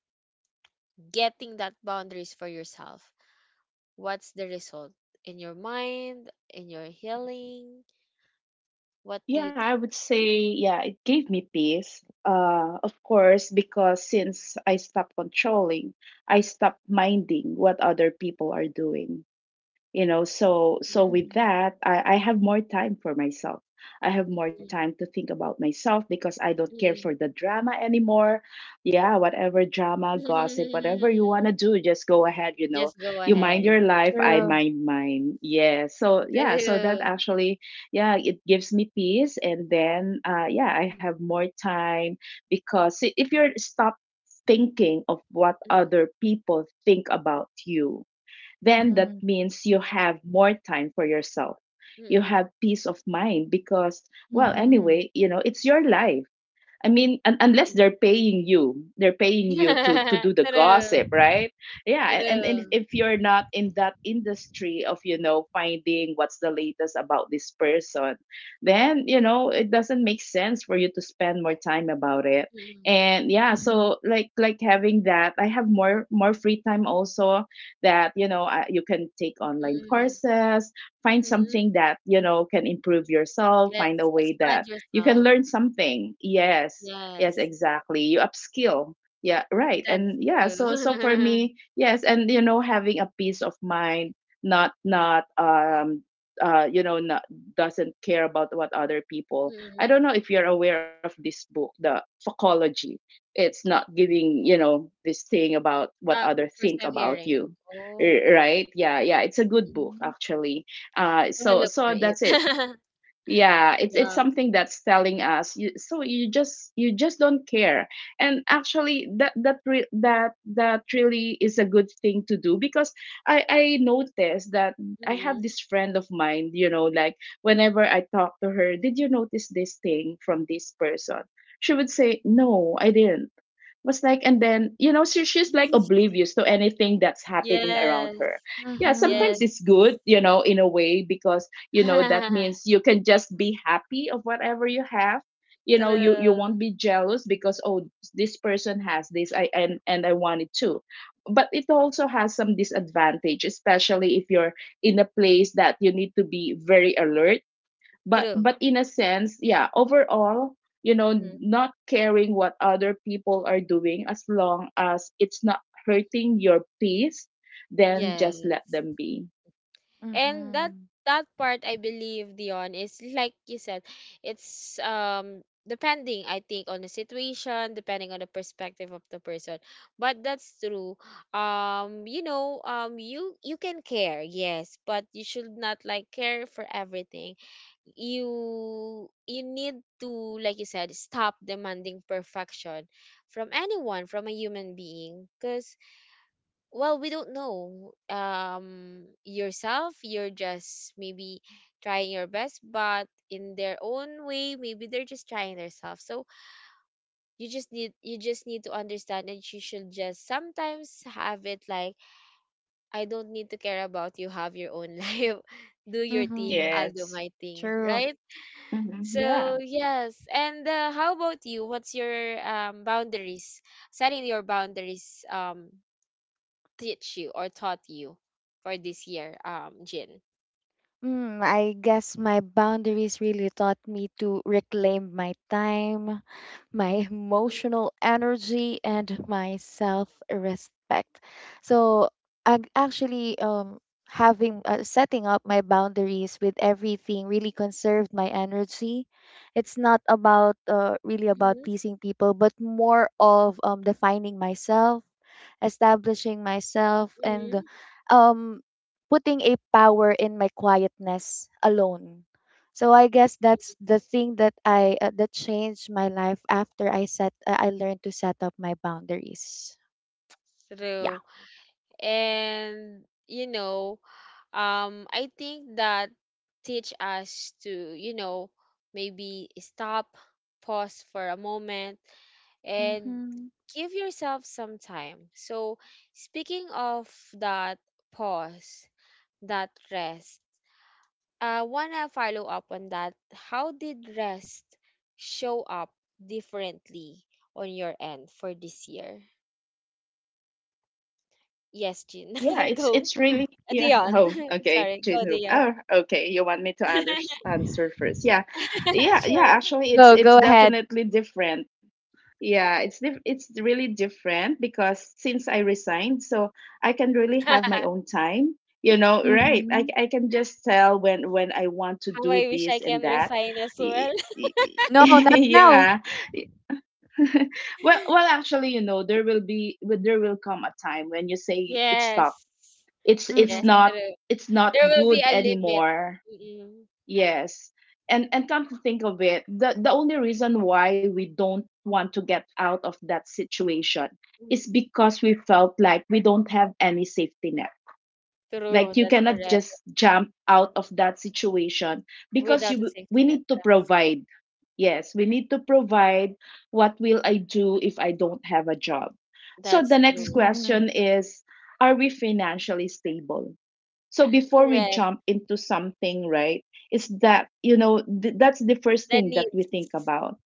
A: Getting that boundaries for yourself, what's the result in your mind, in your healing? What do you
C: Yeah, I
A: think?
C: would say, yeah, it gave me peace. Of course, because since I stopped controlling, I stopped minding what other people are doing. You know, so with
B: Mm-hmm.
C: that, I have more time for myself. I have more
A: Mm,
C: time to think about myself because I don't
A: mm,
C: care for
A: mm,
C: the drama anymore. Yeah, whatever drama, gossip, whatever you
A: mm.
C: want to do, just go ahead. You know,
A: Just go
C: you mind
A: ahead.
C: your life, I
B: True.
C: mind mine. Yeah, so, yeah, so that
A: True.
C: actually, yeah, it gives me peace. And then, yeah, I
A: Mm,
C: have more time because if you're stop thinking of what
A: mm,
C: other people think about you, then that
B: Mm-hmm.
C: means you have more time for yourself. You
A: mm,
C: have peace of mind because, well,
B: Mm-hmm.
C: anyway, you know, it's your life. I mean, unless
A: mm.
C: they're paying you, they're paying you to do the
A: True.
C: gossip, right? Yeah, and if,
A: True.
C: if you're not in that industry of, you know, finding what's the latest about this person, then you know it doesn't make sense for you to spend more time about it.
A: Mm,
C: And yeah,
B: Mm-hmm.
C: so like having that, I have more free time also, that you know you can take online
A: mm,
C: courses, find
A: mm.
C: something that you know can improve yourself, find a
A: Yes,
C: way that
A: expand
C: you can
A: yourself.
C: learn something. Yes, yes,
A: Yes,
C: exactly, you upskill. Yeah, right.
A: that's
C: And yeah, so for
A: true.
C: me, yes. And you know, having a peace of mind, not not you know not, doesn't care about what other people. I
A: Mm.
C: don't know if you're aware of this book, the fuckology. It's not giving, you know, this thing about what
A: Um,
C: other
A: first
C: think
A: time
C: about
A: hearing.
C: you.
A: Oh.
C: Right? Yeah, yeah, it's a good book
B: Mm-hmm.
C: actually. uh
A: I will
C: so
A: look
C: so
A: for
C: that's it.
A: it.
C: Yeah, it's
A: Yeah.
C: something that's telling us you, so you just don't care. And actually, that that re- that that really is a good thing to do, because I noticed that I have
A: Mm-mm.
C: this friend of mine. You know, like, whenever I talk to her, did you notice this thing from this person? She would say, no, I didn't, was like, and then you know she's like oblivious to anything that's happening around
A: Yes.
C: her. Yeah,
B: Mm-hmm.
C: sometimes
A: Yes.
C: it's good, you know, in a way, because you know that means you can just be happy of whatever you have. You know, you
A: True.
C: won't be jealous because, oh, this person has this, I and I want it too. But it also has some disadvantage, especially if you're in a place that you need to be very alert. but
A: True.
C: but in a sense, yeah, overall, you know,
A: Mm-hmm.
C: not caring what other people are doing as long as it's not hurting your peace, then just let
A: Yes.
C: them be.
A: And that
B: Mm-hmm.
A: that part I believe Dion is like you said, it's depending I think on the situation, depending on the perspective of the person. But that's true. You know, you you can care, yes, but you should not like care for everything. You need to like you said stop demanding perfection from anyone from a human being because well we don't know yourself you're just maybe trying your best but in their own way maybe they're just trying themselves so you just need to understand that you should just sometimes have it like I don't need to care about, you have your own life, do your thing,
B: Mm-hmm.
A: I'll do
C: Yes.
A: my thing,
B: True.
A: right?
C: Hmm. Yeah.
A: So yes, and how about you? What's your boundaries? Setting your boundaries teach you or taught you for this year, Jin.
B: Mm, I guess my boundaries really taught me to reclaim my time, my emotional energy, and my self respect. So, I actually, having setting up my boundaries with everything, really conserved my energy. It's not about really about
A: Mhm,
B: pleasing people, but more of defining myself, establishing myself, and
A: mhm.
B: um putting a power in my quietness alone. So I guess that's the thing that I that changed my life after I set, I learned to set up my boundaries. Yeah.
A: True. And you know, I think that teach us to, you know, maybe stop, pause for a moment, and
B: Mm-hmm.
A: give yourself some time. So, speaking of that pause, that rest, I want to follow up on that. How did rest show up differently on your end for this year? Yes, Jean.
C: Yeah. It's
A: Go.
C: it's really, yeah.
A: Dion.
C: Oh, okay.
A: Sorry. Go,
C: Jinwook.
A: Dion.
C: Oh, okay. You want me to answer first? Yeah. Yeah. Yeah.
A: Sure.
C: Actually, it's it's
B: Go ahead.
C: definitely different. Yeah, it's really different because since I resigned, so I can really have my
A: How
C: own time. You know, right? I
B: Mm-hmm.
C: I can just tell when I want to do
A: I wish I
C: this and
A: can
C: that.
A: resign as
C: Y-
A: well.
B: No, not now.
C: yeah. Well, actually, you know, there will come a time when you say it's stop.
A: Yes.
C: It's it's
A: Yes,
B: Mm-hmm.
C: not
A: true.
C: it's not
A: There will be
C: good
A: a limit.
C: anymore.
A: Mm-mm.
C: Yes. And come to think of it, the only reason why we don't want to get out of that situation
A: Mm,
C: is because we felt like we don't have any safety net. Like
A: true,
C: you
A: that's
C: cannot
A: correct.
C: just jump out of that situation because
A: Without a
C: you we
A: safety net,
C: need to
A: trust.
C: provide. Yes, we need to
A: Mm.
C: provide. What will I do if I don't have a job? So the
A: That's
C: next
A: true.
B: Mm-hmm.
C: question is, are we financially stable? So before we
A: Correct.
C: jump into something, right, is that that's the first
A: The
C: thing that we think
A: needs.
C: about.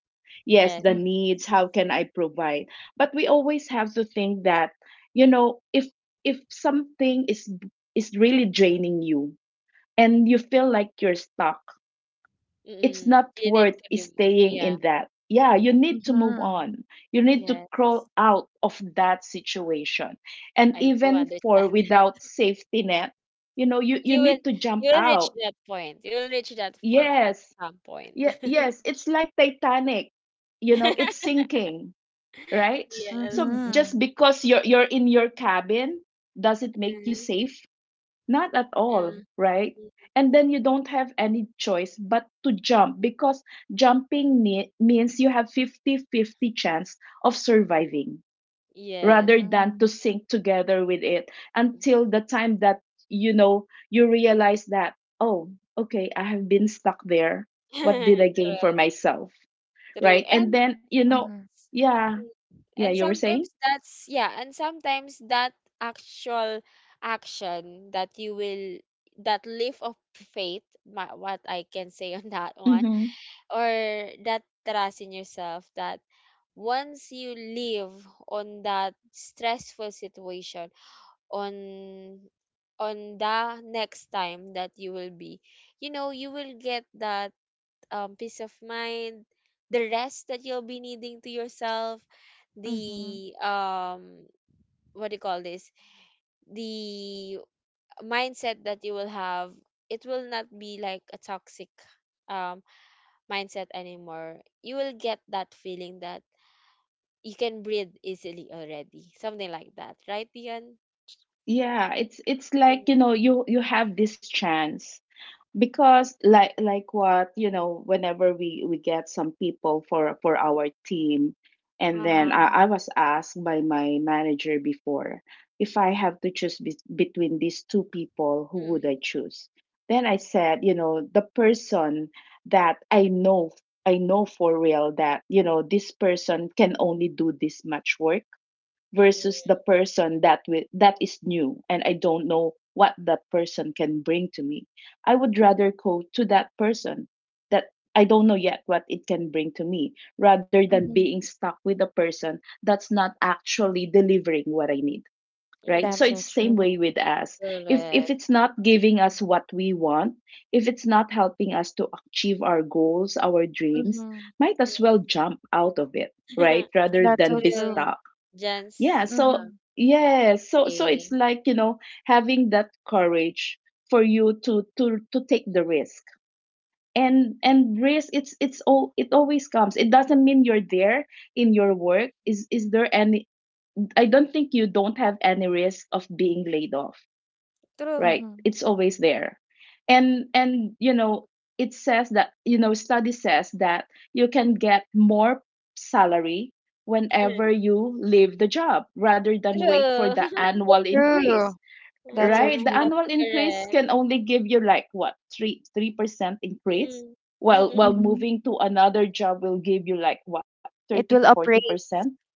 C: Yes,
A: Yes.
C: the
B: Mm-hmm.
C: needs. How can I provide? But we always have to think that you know if if something is really draining you and you feel like you're stuck, it's
A: Mm-mm.
C: not
A: You need
C: worth
A: to remove.
C: staying
A: Yeah.
C: in that. Yeah, you need to move
B: Mm-hmm.
C: on. You need to
A: Yes.
C: crawl out of that situation. And
A: I do
C: even for
A: understand that.
C: without safety net, you know, you
A: You will
C: need to jump
A: you will reach
C: out.
A: that point. You will reach that point at
C: Yes.
A: some point.
C: Yeah, yes. It's like Titanic, you know, it's sinking, right?
A: Yes.
C: So
B: Mm-hmm.
C: just because you're in your cabin, does it make you
A: Uh,
C: safe? Not at all,
A: uh,
C: right? And then you don't have any choice but to jump, because means you have 50-50 chance of surviving
A: yes.
C: rather than to sink together with it until the time that you know you realize that, oh, okay, I have been stuck there. What
A: True.
C: did I gain for myself,
A: True.
C: right? And
A: And
C: then
B: Mm-hmm.
C: yeah
A: mm.
C: yeah
A: And
C: you were saying,
A: sometimes that's yeah, and sometimes that actual action that you will that leap of faith, ma- what I can say on that one,
C: mm-hmm.
A: or that trust in yourself that once you live on that stressful situation, on on the next time that you will be, you know, you will get that um peace of mind, the rest that you'll be needing to yourself,
B: Mm-hmm.
A: the what do you call this? The mindset that you will have, it will not be like a toxic um mindset anymore. You will get that feeling that you can breathe easily already, something like that, right, Dion?
C: Yeah, it's like,
A: Mm.
C: you know, you have this chance, because like what you know whenever we get some people for our team. And then
A: Uh-huh.
C: I,
B: Mhm.
C: I was asked by my manager before, if I have to choose between these two people, who would I
A: Mm-mm.
C: choose? Then I said, you know, the person that I know, I know for real that, you know, this person can only do this much work, versus
A: Mm-mm.
C: the person that that is new and I don't know what that person can bring to me. I would
B: Mhm.
C: rather go to that person that I don't know yet what it can bring to me, rather than
B: Mhm.
C: being stuck with a person that's not actually delivering what I need. Right. So
B: That's
A: Mm-mm.
C: it's
B: so
C: same
B: true.
C: way with us. If
A: Correct.
C: it's not giving us what we want, if it's not helping us to achieve our goals, our dreams,
B: Mhm.
C: might as well jump out of it,
A: Mm.
C: right? Rather
B: That's so
C: than be
A: True.
B: true.
C: stuck.
A: Jan's
C: yeah so
A: um,
B: Mhm.
A: us
C: yeah so so it's
A: the
C: like, you know, having that courage for you to to take the risk. And risk it's all, it always comes, it doesn't mean you're there in your work. Is there any I don't think you don't have any risk of being laid off,
A: True.
C: right?
B: Mhm.
C: It's always there. And you know, it says that, you know, study says that you can get more salary
A: Mhm.
C: whenever you leave the job rather than wait for
A: True.
C: the annual increase.
B: True. That's so
A: Ah,
C: Right, the
B: true.
A: that's
C: annual increase
A: correct.
C: can only give you like what, 3%, increase,
A: Mm.
C: while while
B: Mhm.
C: moving to another job will give you like what, 30 to
B: It will upraise.
C: 40%.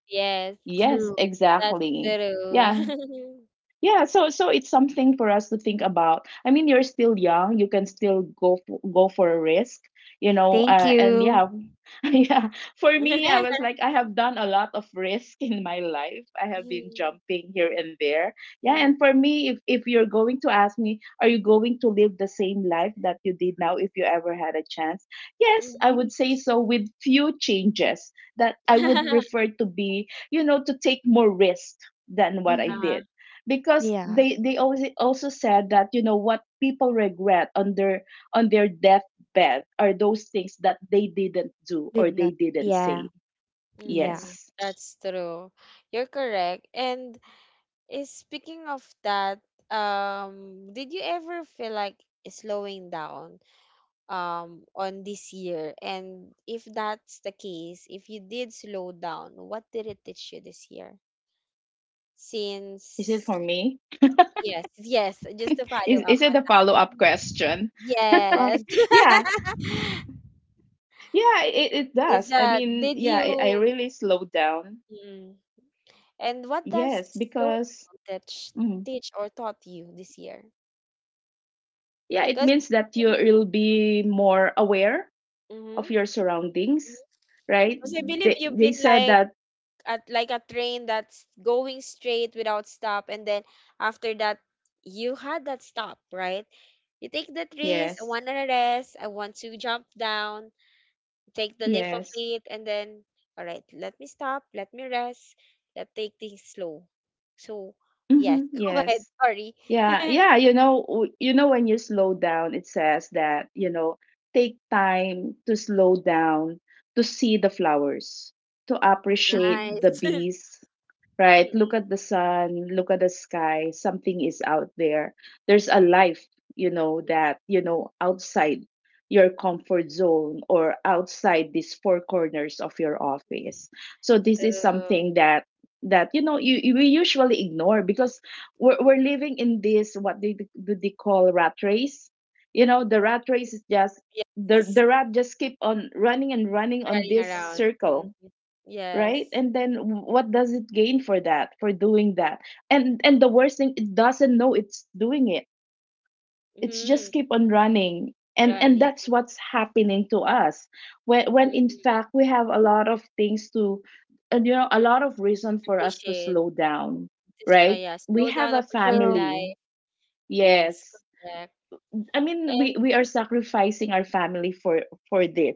A: Yes,
C: Yes,
B: True.
A: that's
C: exactly. Yeah.
A: true.
C: Yeah, so so it's something for us to think about. I mean, you're still young; you can still go for a risk, you know.
B: Thank
C: And
B: you.
C: yeah, yeah. For me, I was like, I have done a lot of risk in my life. I have been
A: Mm,
C: jumping here and there. Yeah,
A: mm,
C: and for me, if you're going to ask me, are you going to live the same life that you did now if you ever had a chance? Yes, I
A: mhm.
C: would say
B: Yes.
C: so, with few changes, that I would
B: Mhm.
C: prefer to be, you know, to take more risk than what I
B: Mhm.
A: uh-huh.
C: did. Because
B: Yeah.
C: they always also said that, you know, what people regret on their, on their bad are those things that they didn't do or
B: Did not.
C: they didn't
B: Yeah.
C: say.
B: Yeah.
A: Mm-mm,
C: Yes.
A: that's true. You're correct. And speaking of that, did you ever feel like slowing down on this year? And if that's the case, if you did slow down, what did it teach you this year?
C: Is it
A: Since
C: for me?
A: yes, yes, just to
C: Is
A: follow
C: it a
A: up on
C: follow
A: that.
C: up question?
B: No
A: Yes.
B: fun.
C: yeah, yeah, it
A: Is
C: does. I mean,
A: did
C: yeah, it, I
A: you
C: really slowed down.
A: mm, and what does
C: Yes,
A: slow
C: because
A: down teach
C: mm,
A: teach or taught you this year?
C: yeah, it
A: Because
C: means that you will be more aware
A: mm-hmm.
C: of your surroundings, right?
A: Because I believe
C: They
A: you've
C: they
A: been
C: said
A: like
C: that,
A: at like a train that's going straight without stop, and then after that you had that stop, right? You take the trees. I
C: yes,
A: want to rest. I want to jump down. Take the lift of
C: yes,
A: it and then all right, let me stop, let me rest, let's take things slow, so yes.
C: hmm,
A: Go ahead,
C: yes.
A: sorry.
C: Yeah, yeah, you know, w- you know when you slow down, it says that, you know, take time to slow down, to see the flowers, to appreciate
B: Mhm.
C: the
A: Nice.
C: bees, right? Look
A: mm
C: at the sun, look at the sky, something is out there. There's a life, you know, that, you know, outside your comfort zone or outside these four corners of your office. So this is
A: true.
C: something that, that you know, you we usually ignore, because we're living in this, what they do they call, rat race. You know, the rat race is just the
A: Yes,
C: the rat just keep on running and running on
A: running
C: this
A: around. Mm,
C: circle, right?
A: yes.
C: And then what does it gain for that, for doing that? And the worst thing, it doesn't know it's doing it. It's just keep
B: Mhm.
A: Mm,
C: on running, and
A: running,
C: that's what's happening to us. When in
A: mm,
C: fact we have a lot of things to, and you know, a lot of reason for us to
A: appreciate.
C: slow down,
A: Just
C: right?
A: yeah,
C: We
A: slow
C: have a
A: down, appreciate
B: True.
C: family.
A: life, yes,
C: Yes.
A: correct,
C: I mean,
A: and
C: we are sacrificing our family for this,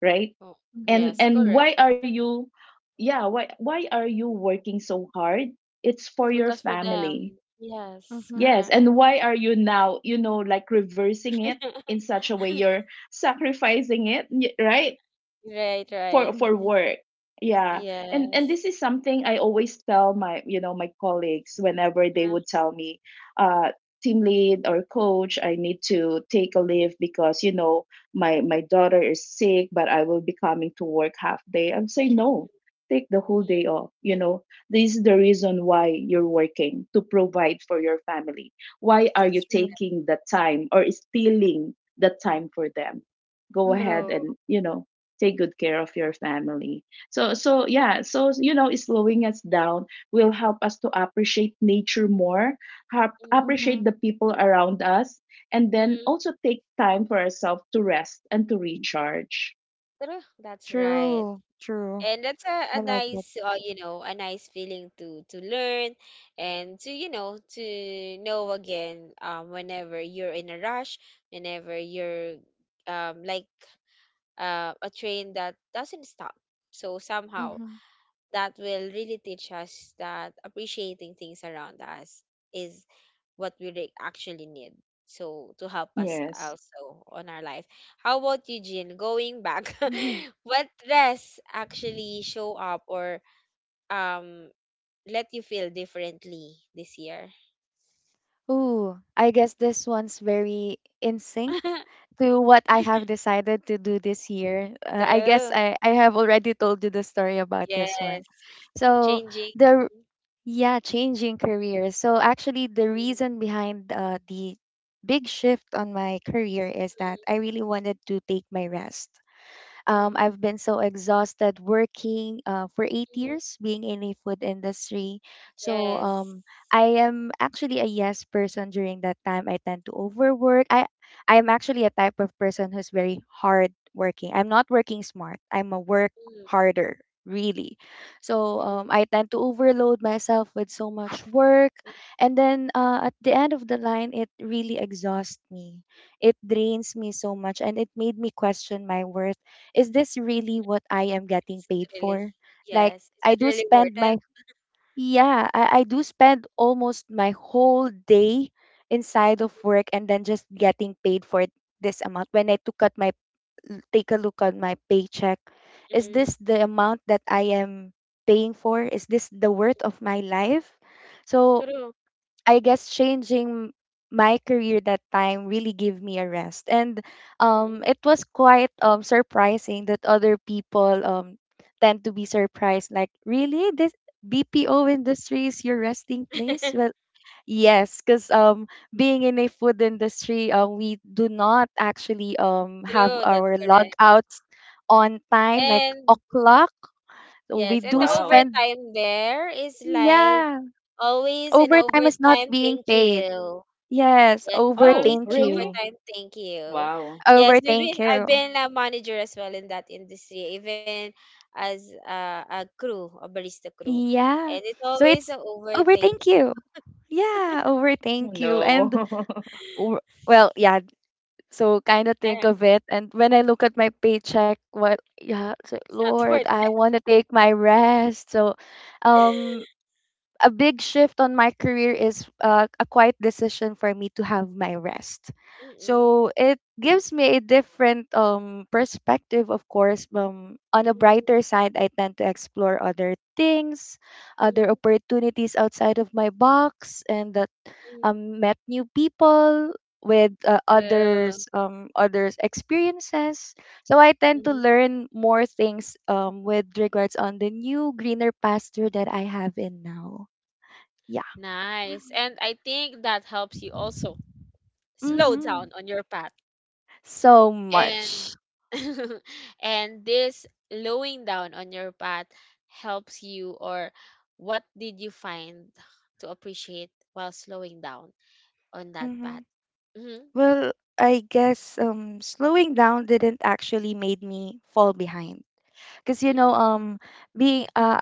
C: right?
A: oh,
C: And
B: Mhm.
A: yes,
C: and
A: correct,
C: why are you, yeah, why are you working so hard? It's for
A: it's
C: your
A: because for
C: family.
A: them, yes,
B: Mhm.
C: Yes.
A: correct.
C: And why are you now, you know, like reversing it, in such a way you're sacrificing it, y- right,
A: Right, right.
C: for
B: Mhm.
C: work? Yeah. And
A: Yes.
C: this is something I always tell my, you know, my colleagues, whenever they
A: Uh,
C: would tell me, uh, team lead or coach, I need to take a leave because, you know, my daughter is sick, but I will be coming to work half day. I'm saying, no, take the whole
A: mm.
C: day off. You know, this is the reason why you're working, to provide for your family. Why are
A: That's
C: you
B: True.
A: good.
C: taking the time or stealing the time for them? Go ahead
B: Mhm.
A: True.
C: and, you know, take good care of your family. So you know, slowing us down will help us to appreciate nature more,
A: Mhm,
C: appreciate
B: Mhm.
C: the people around us, and then
A: mhm.
C: also take time for ourselves to rest and to recharge.
A: True. That's right.
B: True. True.
A: And that's a
B: I like it.
A: nice, you know, a nice feeling to learn and to, you know, to know again whenever you're in a rush, whenever you're like a train that doesn't stop. So somehow
B: Mhm.
A: that will really teach us that appreciating things around us is what we re- actually need. So to help us
C: Yes,
A: also on our life. How about you, Jean? Going back,
B: Mhm.
A: what dress actually show up or um let you feel differently this year?
B: Ooh, I guess this one's very in sync to what I have decided to do this year. I guess
A: True.
B: I have already told you the story about this one.
A: Yes.
B: So
A: Changing.
B: the yeah, changing career. So actually the
A: Mm,
B: reason behind the big shift on my career is that
A: mm,
B: I really wanted to take my rest.
A: mm, mm,
B: I've been so exhausted working for eight
A: mm.
B: years being in a food industry. So
A: Yes.
B: I am actually a yes person during that time. I tend to overwork. I am actually a type of person who's very hard working. I'm not working smart. I'm a work harder really. So
A: Mm,
B: I tend to overload myself with so much work,
A: mm.
B: and then at the end of the line it really exhausts me. It drains me so much, and it made me question my worth. Is this really what I am getting
A: Is it
B: paid
A: really?
B: for? Like
A: Yes. Is
B: I
A: it
B: do
A: really worth
B: spend
A: it?
B: my, yeah, I do spend almost my whole day inside of work, and then just getting paid for this amount. When I took at my take a look at my paycheck, is
A: Mm.
B: this the amount that I am paying for? Is this the worth of my life? So
A: True.
B: I guess changing my career that time really gave me a rest. And
A: Mm-mm.
B: it was quite surprising that other people tend to be surprised, like, really? This BPO industry is your resting place? Well, yes, because being in a food industry, we do not actually have
A: True, that's
B: our
A: correct.
B: logouts on time, like
A: And
B: o'clock. So,
A: yes,
B: we
A: and the
B: do
C: wow.
B: spend,
A: overtime there is like
B: yeah,
A: always an
B: overtime is not
A: overtime
B: being
A: thank
B: paid.
A: you.
B: Yes,
A: Yes, it's always
C: Oh
B: overthink
A: an
B: you.
C: really,
A: overtime thank you.
C: wow.
A: Yes, we've been
B: Overthink
A: I've
B: you.
A: been a manager as well in that industry, even as a crew, a barista crew. And
B: Yeah.
A: it's
B: So
A: always
B: it's
A: an over thank
B: overthink
A: you.
B: you. Yeah,
C: Oh
B: overthink you. And
C: no,
B: w- well, yeah, so kind of think of it. And when I look at my paycheck, what, yeah, so,
A: It's not
B: Lord,
A: worth
B: I want to take my rest. So,
A: it.
B: um, a big shift on my career is a quiet decision for me to have my rest.
A: Mm-mm.
B: So it gives me a different perspective, of course. On a brighter side, I tend to explore other things, other
A: Mm-mm.
B: opportunities outside of my box, and that met new people with
A: True.
B: others experiences. So I tend to
A: Mhm.
B: learn more things, with regards on the new greener pasture that I have in now. Yeah.
A: Nice. And I think that helps you also slow
B: Mm-hmm.
A: down on your path.
B: So much.
A: And and this slowing down on your path helps you or what did you find to appreciate while slowing down on that path?
B: Mm-hmm.
A: Mm-hmm.
B: Well, I guess slowing down didn't actually made me fall behind. Cause you know,
A: Mm-mm.
B: being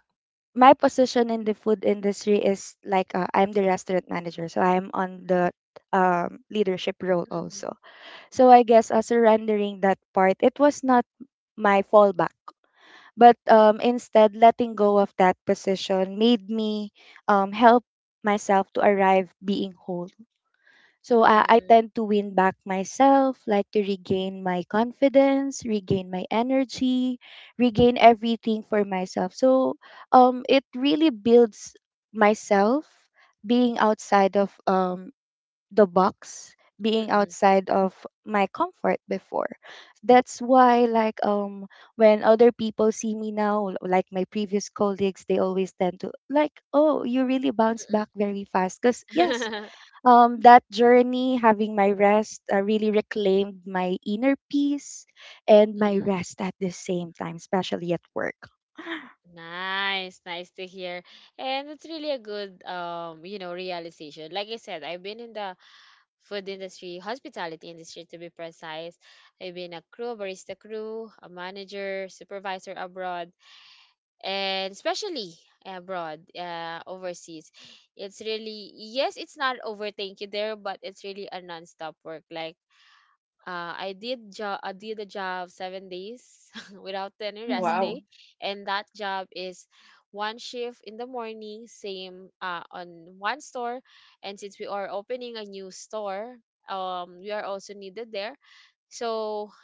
B: my position in the food industry is like I'm the restaurant manager, so I'm on the leadership role
A: Mm-mm.
B: also. So I guess surrendering that part, it was not my fallback. But instead, letting go of that position made me, help myself to arrive being whole. So I
A: Mm-mm.
B: tend to win back myself, like to regain my confidence, regain my energy, regain everything for myself. So it really builds myself being outside of the box, being
A: Mm-mm.
B: outside of my comfort before. That's why, like when other people see me now, like my previous colleagues, they always tend to like, oh, you really bounce
A: Mm-mm.
B: back very fast, because yes, that journey, having my rest, really reclaimed my inner peace and my
A: Mm-mm.
B: rest at the same time, especially at work.
A: Nice, nice to hear. And it's really a good you know, realization. Like I said, I've been in the food industry, hospitality industry to be precise. I've been a crew, barista crew, a manager, supervisor abroad, and especially abroad, overseas. It's really, yes, it's not over, thank you there, but it's really a non-stop work. Like I did job. I did a job 7 days without any rest
B: Hmm.
A: day,
C: wow
A: and that job is one shift in the morning, same on one store, and since we are opening a new store, we are also needed there. So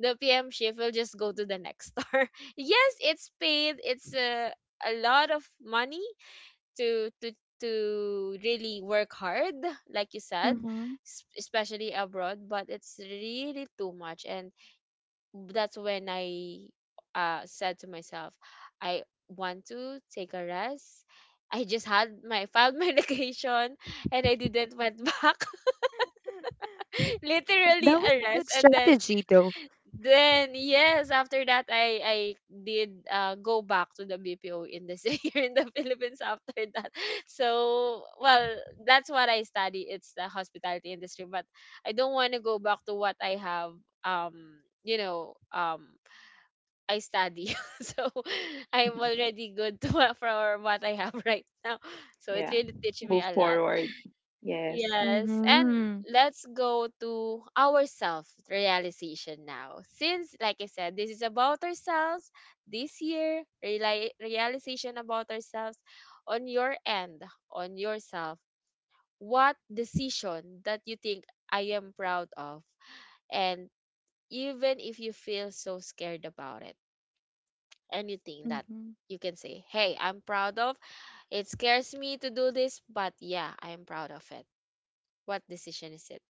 A: the PM shift will just go to the next store. Yes, it's paid. It's a lot of money to to to really work hard like you said
B: Hmm.
A: s- especially abroad, but it's really too much, and that's when I said to myself I want to take a rest. I just had my filed my location and I didn't went back. Literally
B: That was
A: a
B: a
A: rest,
B: good
A: and
B: strategy though.
A: then yes, after that I did go back to the BPO industry here in the Philippines after that. So well, that's what I study. It's the hospitality industry, but I don't want to go back to what I have um you know um I study. So I'm already good to, for what I have right now. So it
C: yeah,
A: really teaches me a
C: move
A: lot.
C: forward, yes,
A: Yes, and
B: Mm-hmm.
A: let's go to our self realization now. Since, like I said, this is about ourselves this year, reali- realization about ourselves on your end, on yourself. What decision that you think I am proud of? And even if you feel so scared about it, anything that
B: Mm-hmm.
A: you can say, hey, I'm proud of, it scares me to do this, but yeah, I'm proud of it. What decision is it?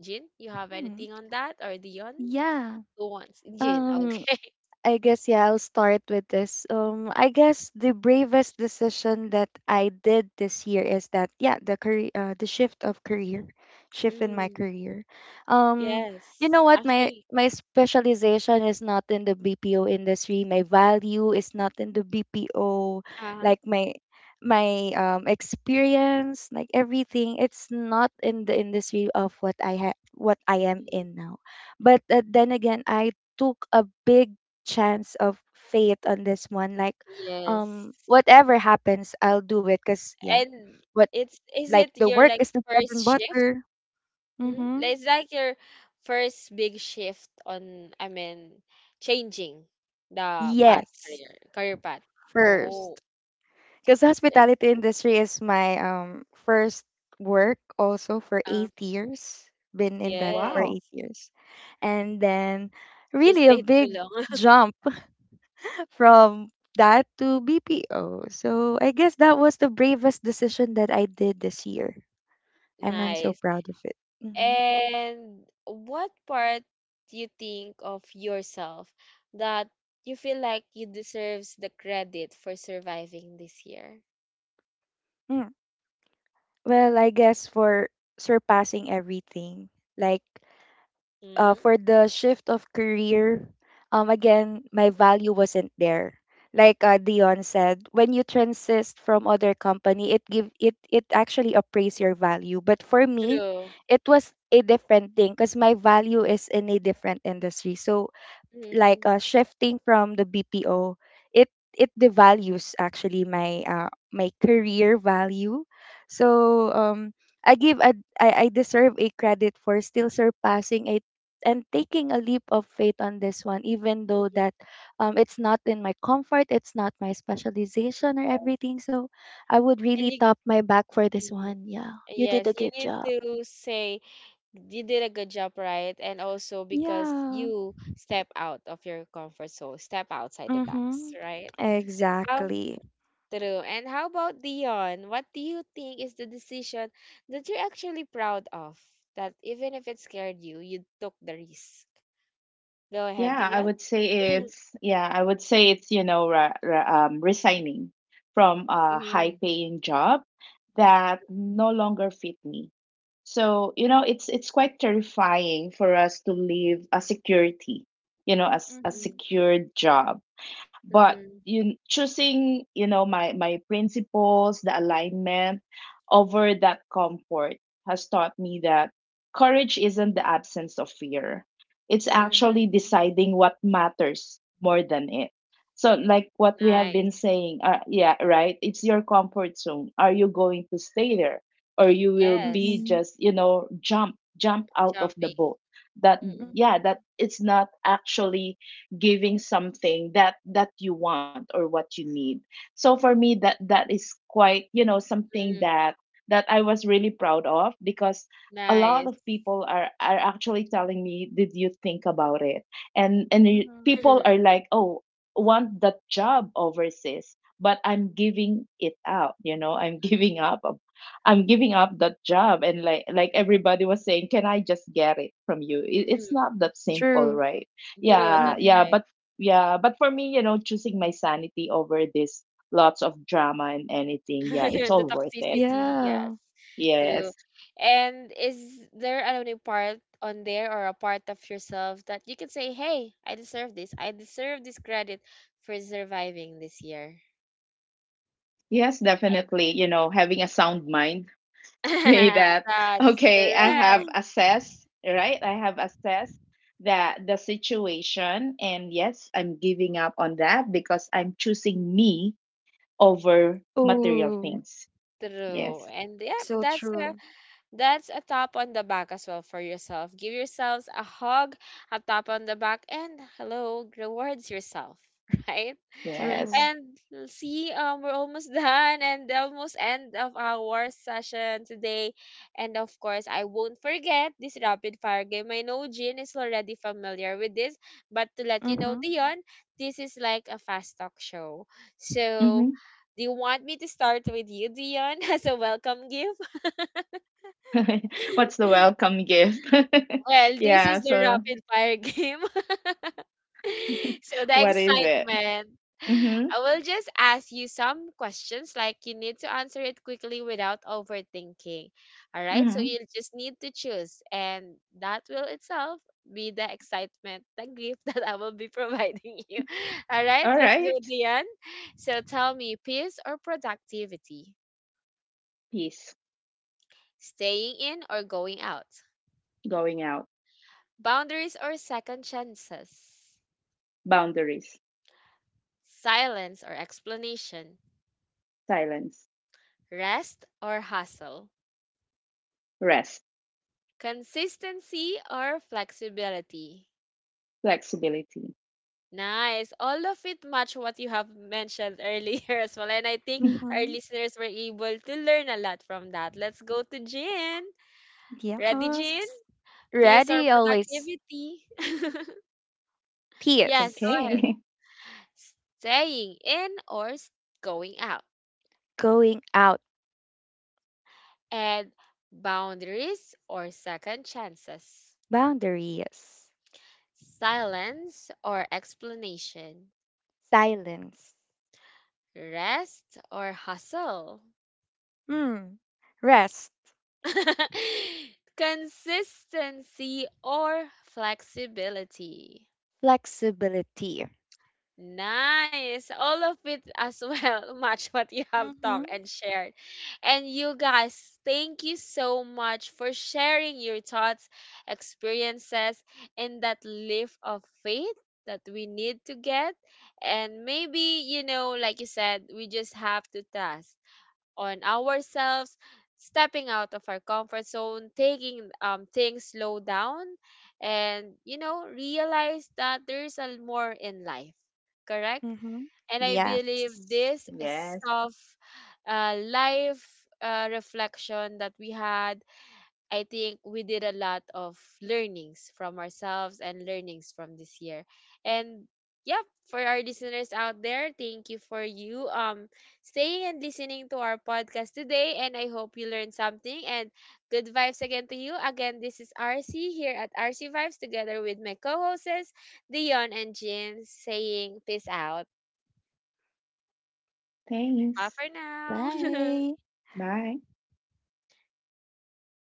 A: Jin, you have
B: Hmm.
A: anything on that? Or Dion?
B: Yeah.
A: Who wants? Jin,
B: Um.
A: okay.
B: I guess yeah, I'll start with this. I guess the bravest decision that I did this year is that yeah, the career, the shift of career, shift in my
A: Mm,
B: career. Um, you know
A: yes.
B: what? My
A: Actually,
B: my specialization is not in the BPO industry. My value is not in the BPO.
A: uh-huh.
B: Like my experience, like everything, it's not in the industry of what I have, what I am
A: Mm,
B: in now. But then again, I took a big chance of fate on this one. Like,
A: yes.
B: whatever happens, I'll do it. Cause yeah,
A: And
B: what,
A: it's is
B: like
A: it
B: the
A: your
B: work
A: like
B: is the bread
A: first
B: and
A: shift?
B: butter.
A: Mm?
B: Mm-hmm.
A: Like, it's like your first big shift on I mean changing the path
B: Yes,
A: career career path.
B: first.
A: Oh,
B: Cause
A: it's
B: hospitality industry is my first work also for
A: uh
B: 8 years. Been in that for
A: yes.
B: eight
C: wow.
B: years, and then
A: She
B: really a
A: stayed too
B: big
A: long.
B: jump from that to BPO. So I guess that was the bravest decision that I did this year. I'm so
A: Nice.
B: proud of it. Hmm.
A: And what part do you think of yourself that you feel like you deserves the credit for surviving this year?
B: Mm. Well, I guess for surpassing everything, like
A: Mm,
B: for the shift of career, again, my value wasn't there. Like Dion said, when you transist from other company, it give it it actually appraise your value. But for me,
A: true.
B: it was a different thing because my value is in a different industry. So like
A: Mm,
B: shifting from the BPO, it it devalues actually my career value. So I give a I deserve a credit for still surpassing it, and taking a leap of faith on this one, even though
A: mm,
B: that, it's not in my comfort, it's not my specialization or everything. So I would
A: and
B: really
A: you,
B: top my back for this
A: mm,
B: one. Yeah. You did a
A: yes, you
B: good
A: need
B: job.
A: to say you did a good job, right? And also because
B: Yeah.
A: you step out of your comfort zone, step outside the box,
B: Mm-hmm.
A: right? How?
B: Exactly.
A: True. And how about Dion? What do you think is the decision that you're actually proud of? That even if it scared you, you took the risk. Go ahead,
C: Yeah, I
A: Dion.
C: would say it's, yeah, I would say it's, you know, re re resigning from a
A: Mm-hmm.
C: high-paying job that no longer fit me. So, you know, it's quite terrifying for us to leave a security, you know, as a
B: Mm-hmm.
A: Mm-mm.
C: secured job. But
A: Mm-mm.
C: you choosing, you know, my principles, the alignment, over that comfort, has taught me that courage isn't the absence of fear, it's
A: Mm-mm.
C: actually deciding what matters more than it. So like what we have been
A: Nice.
C: saying, yeah, right, it's your comfort zone, are you going to stay there, or you will be
A: Yes.
B: Mhm.
C: just, you know, jump out of the
A: Jumping.
C: boat that,
A: Mm-mm.
C: yeah,
B: Mhm.
C: that it's not actually giving something that, that you want or what you need. So for me, that, that is quite, you know, something
A: Mm-mm.
C: that that I was really proud of, because a lot of
A: Nice.
C: people are actually telling me, did you think about it? And you,
B: Mhm.
C: people
A: mm-mm.
C: are like, oh, want that job overseas, but I'm giving it out. You know, I'm giving up, I'm giving up that job. And like everybody was saying, can I just get it from you? It, it's
A: Mm-mm.
C: not that simple,
B: True.
C: right?
A: True.
C: Yeah,
A: That's
B: Mhm.
A: right.
C: yeah, but for me, you know, choosing my sanity over this, lots of drama and anything, yeah, it's
A: The
C: all worth it.
A: toxicity, yes.
B: Yeah.
A: True.
C: Yes.
A: And is there a new part on there or a part of yourself that you can say, hey, I deserve this. I deserve this credit for surviving this year.
C: Yes,
A: And
C: definitely. You know, having a sound mind, say that,
A: that's
C: okay, I have
A: correct.
C: assessed, right? I have assessed that, the situation, and yes, I'm giving up on that, because I'm choosing me over material
B: Oh,
C: things.
A: True.
C: Yes,
A: And yeah,
B: so
A: that's a
B: true.
A: that's a tap on the back as well for yourself. Give yourselves a hug, a tap on the back, and hello, rewards yourself, right?
B: True.
C: yes.
A: And see, we're almost done and the almost end of our session today. And of course, I won't forget this rapid fire game. I know Jin is already familiar with this, but to let you know,
B: Mhm.
A: Dion, this is like a fast talk show. So,
C: Mhm.
A: do you want me to start with you, Dion, as a welcome gift?
C: What's the welcome gift?
A: Well, this
C: yeah,
A: is the
C: so
A: rapid fire game. So the
C: what is it?
A: excitement.
C: Mhm.
A: I will just ask you some questions like you need to answer it quickly without overthinking. All right? So you
C: Mhm.
A: just need to choose and that will itself be the excitement, the gift that I will be providing you. All right?
C: All
A: Let's go,
C: right.
A: Dion. So tell me, peace or productivity?
C: Peace,
A: Staying in or going out?
C: going out,
A: Boundaries or second chances?
C: boundaries,
A: Silence or explanation,
C: silence,
A: rest or hustle,
C: rest,
A: consistency or flexibility.
C: flexibility.
A: Nice. All of it match what you have mentioned earlier as well. And I think our
B: Mhm.
A: listeners were able to learn a lot from that. Let's go to Jin. Ready,
B: Yes.
A: Jin? Peace or
B: Ready always.
A: productivity? Yes, go
B: Peace.
A: ahead.
C: Okay.
A: Staying in or s- going out.
B: Going out.
A: And boundaries or second chances.
B: Boundaries.
A: Silence or explanation,
B: Silence.
A: rest or hustle,
B: Hmm. Rest.
A: consistency or flexibility.
B: Flexibility.
A: Nice. All of it as well match what you have talked
B: Mhm.
A: and shared. And you guys, thank you so much for sharing your thoughts, experiences, and that lift of faith that we need to get. And maybe, you know, like you said, we just have to trust on ourselves, stepping out of our comfort zone, taking things slow down, and you know, realize that there's a more in life. Correct?
B: Mhm.
A: And I believe
B: Yes.
A: this
C: Yes.
A: soft life reflection that we had I think we did a lot of learnings from ourselves and learnings from this year. And yeah, for our listeners out there, thank you for you staying and listening to our podcast today. And I hope you learned something. And good vibes again to you. Again, this is RC here at RC Vibes together with my co-hosts Dion and Jin saying peace out. Bye
C: Thanks.
A: for now.
B: Bye.
C: Bye.
A: All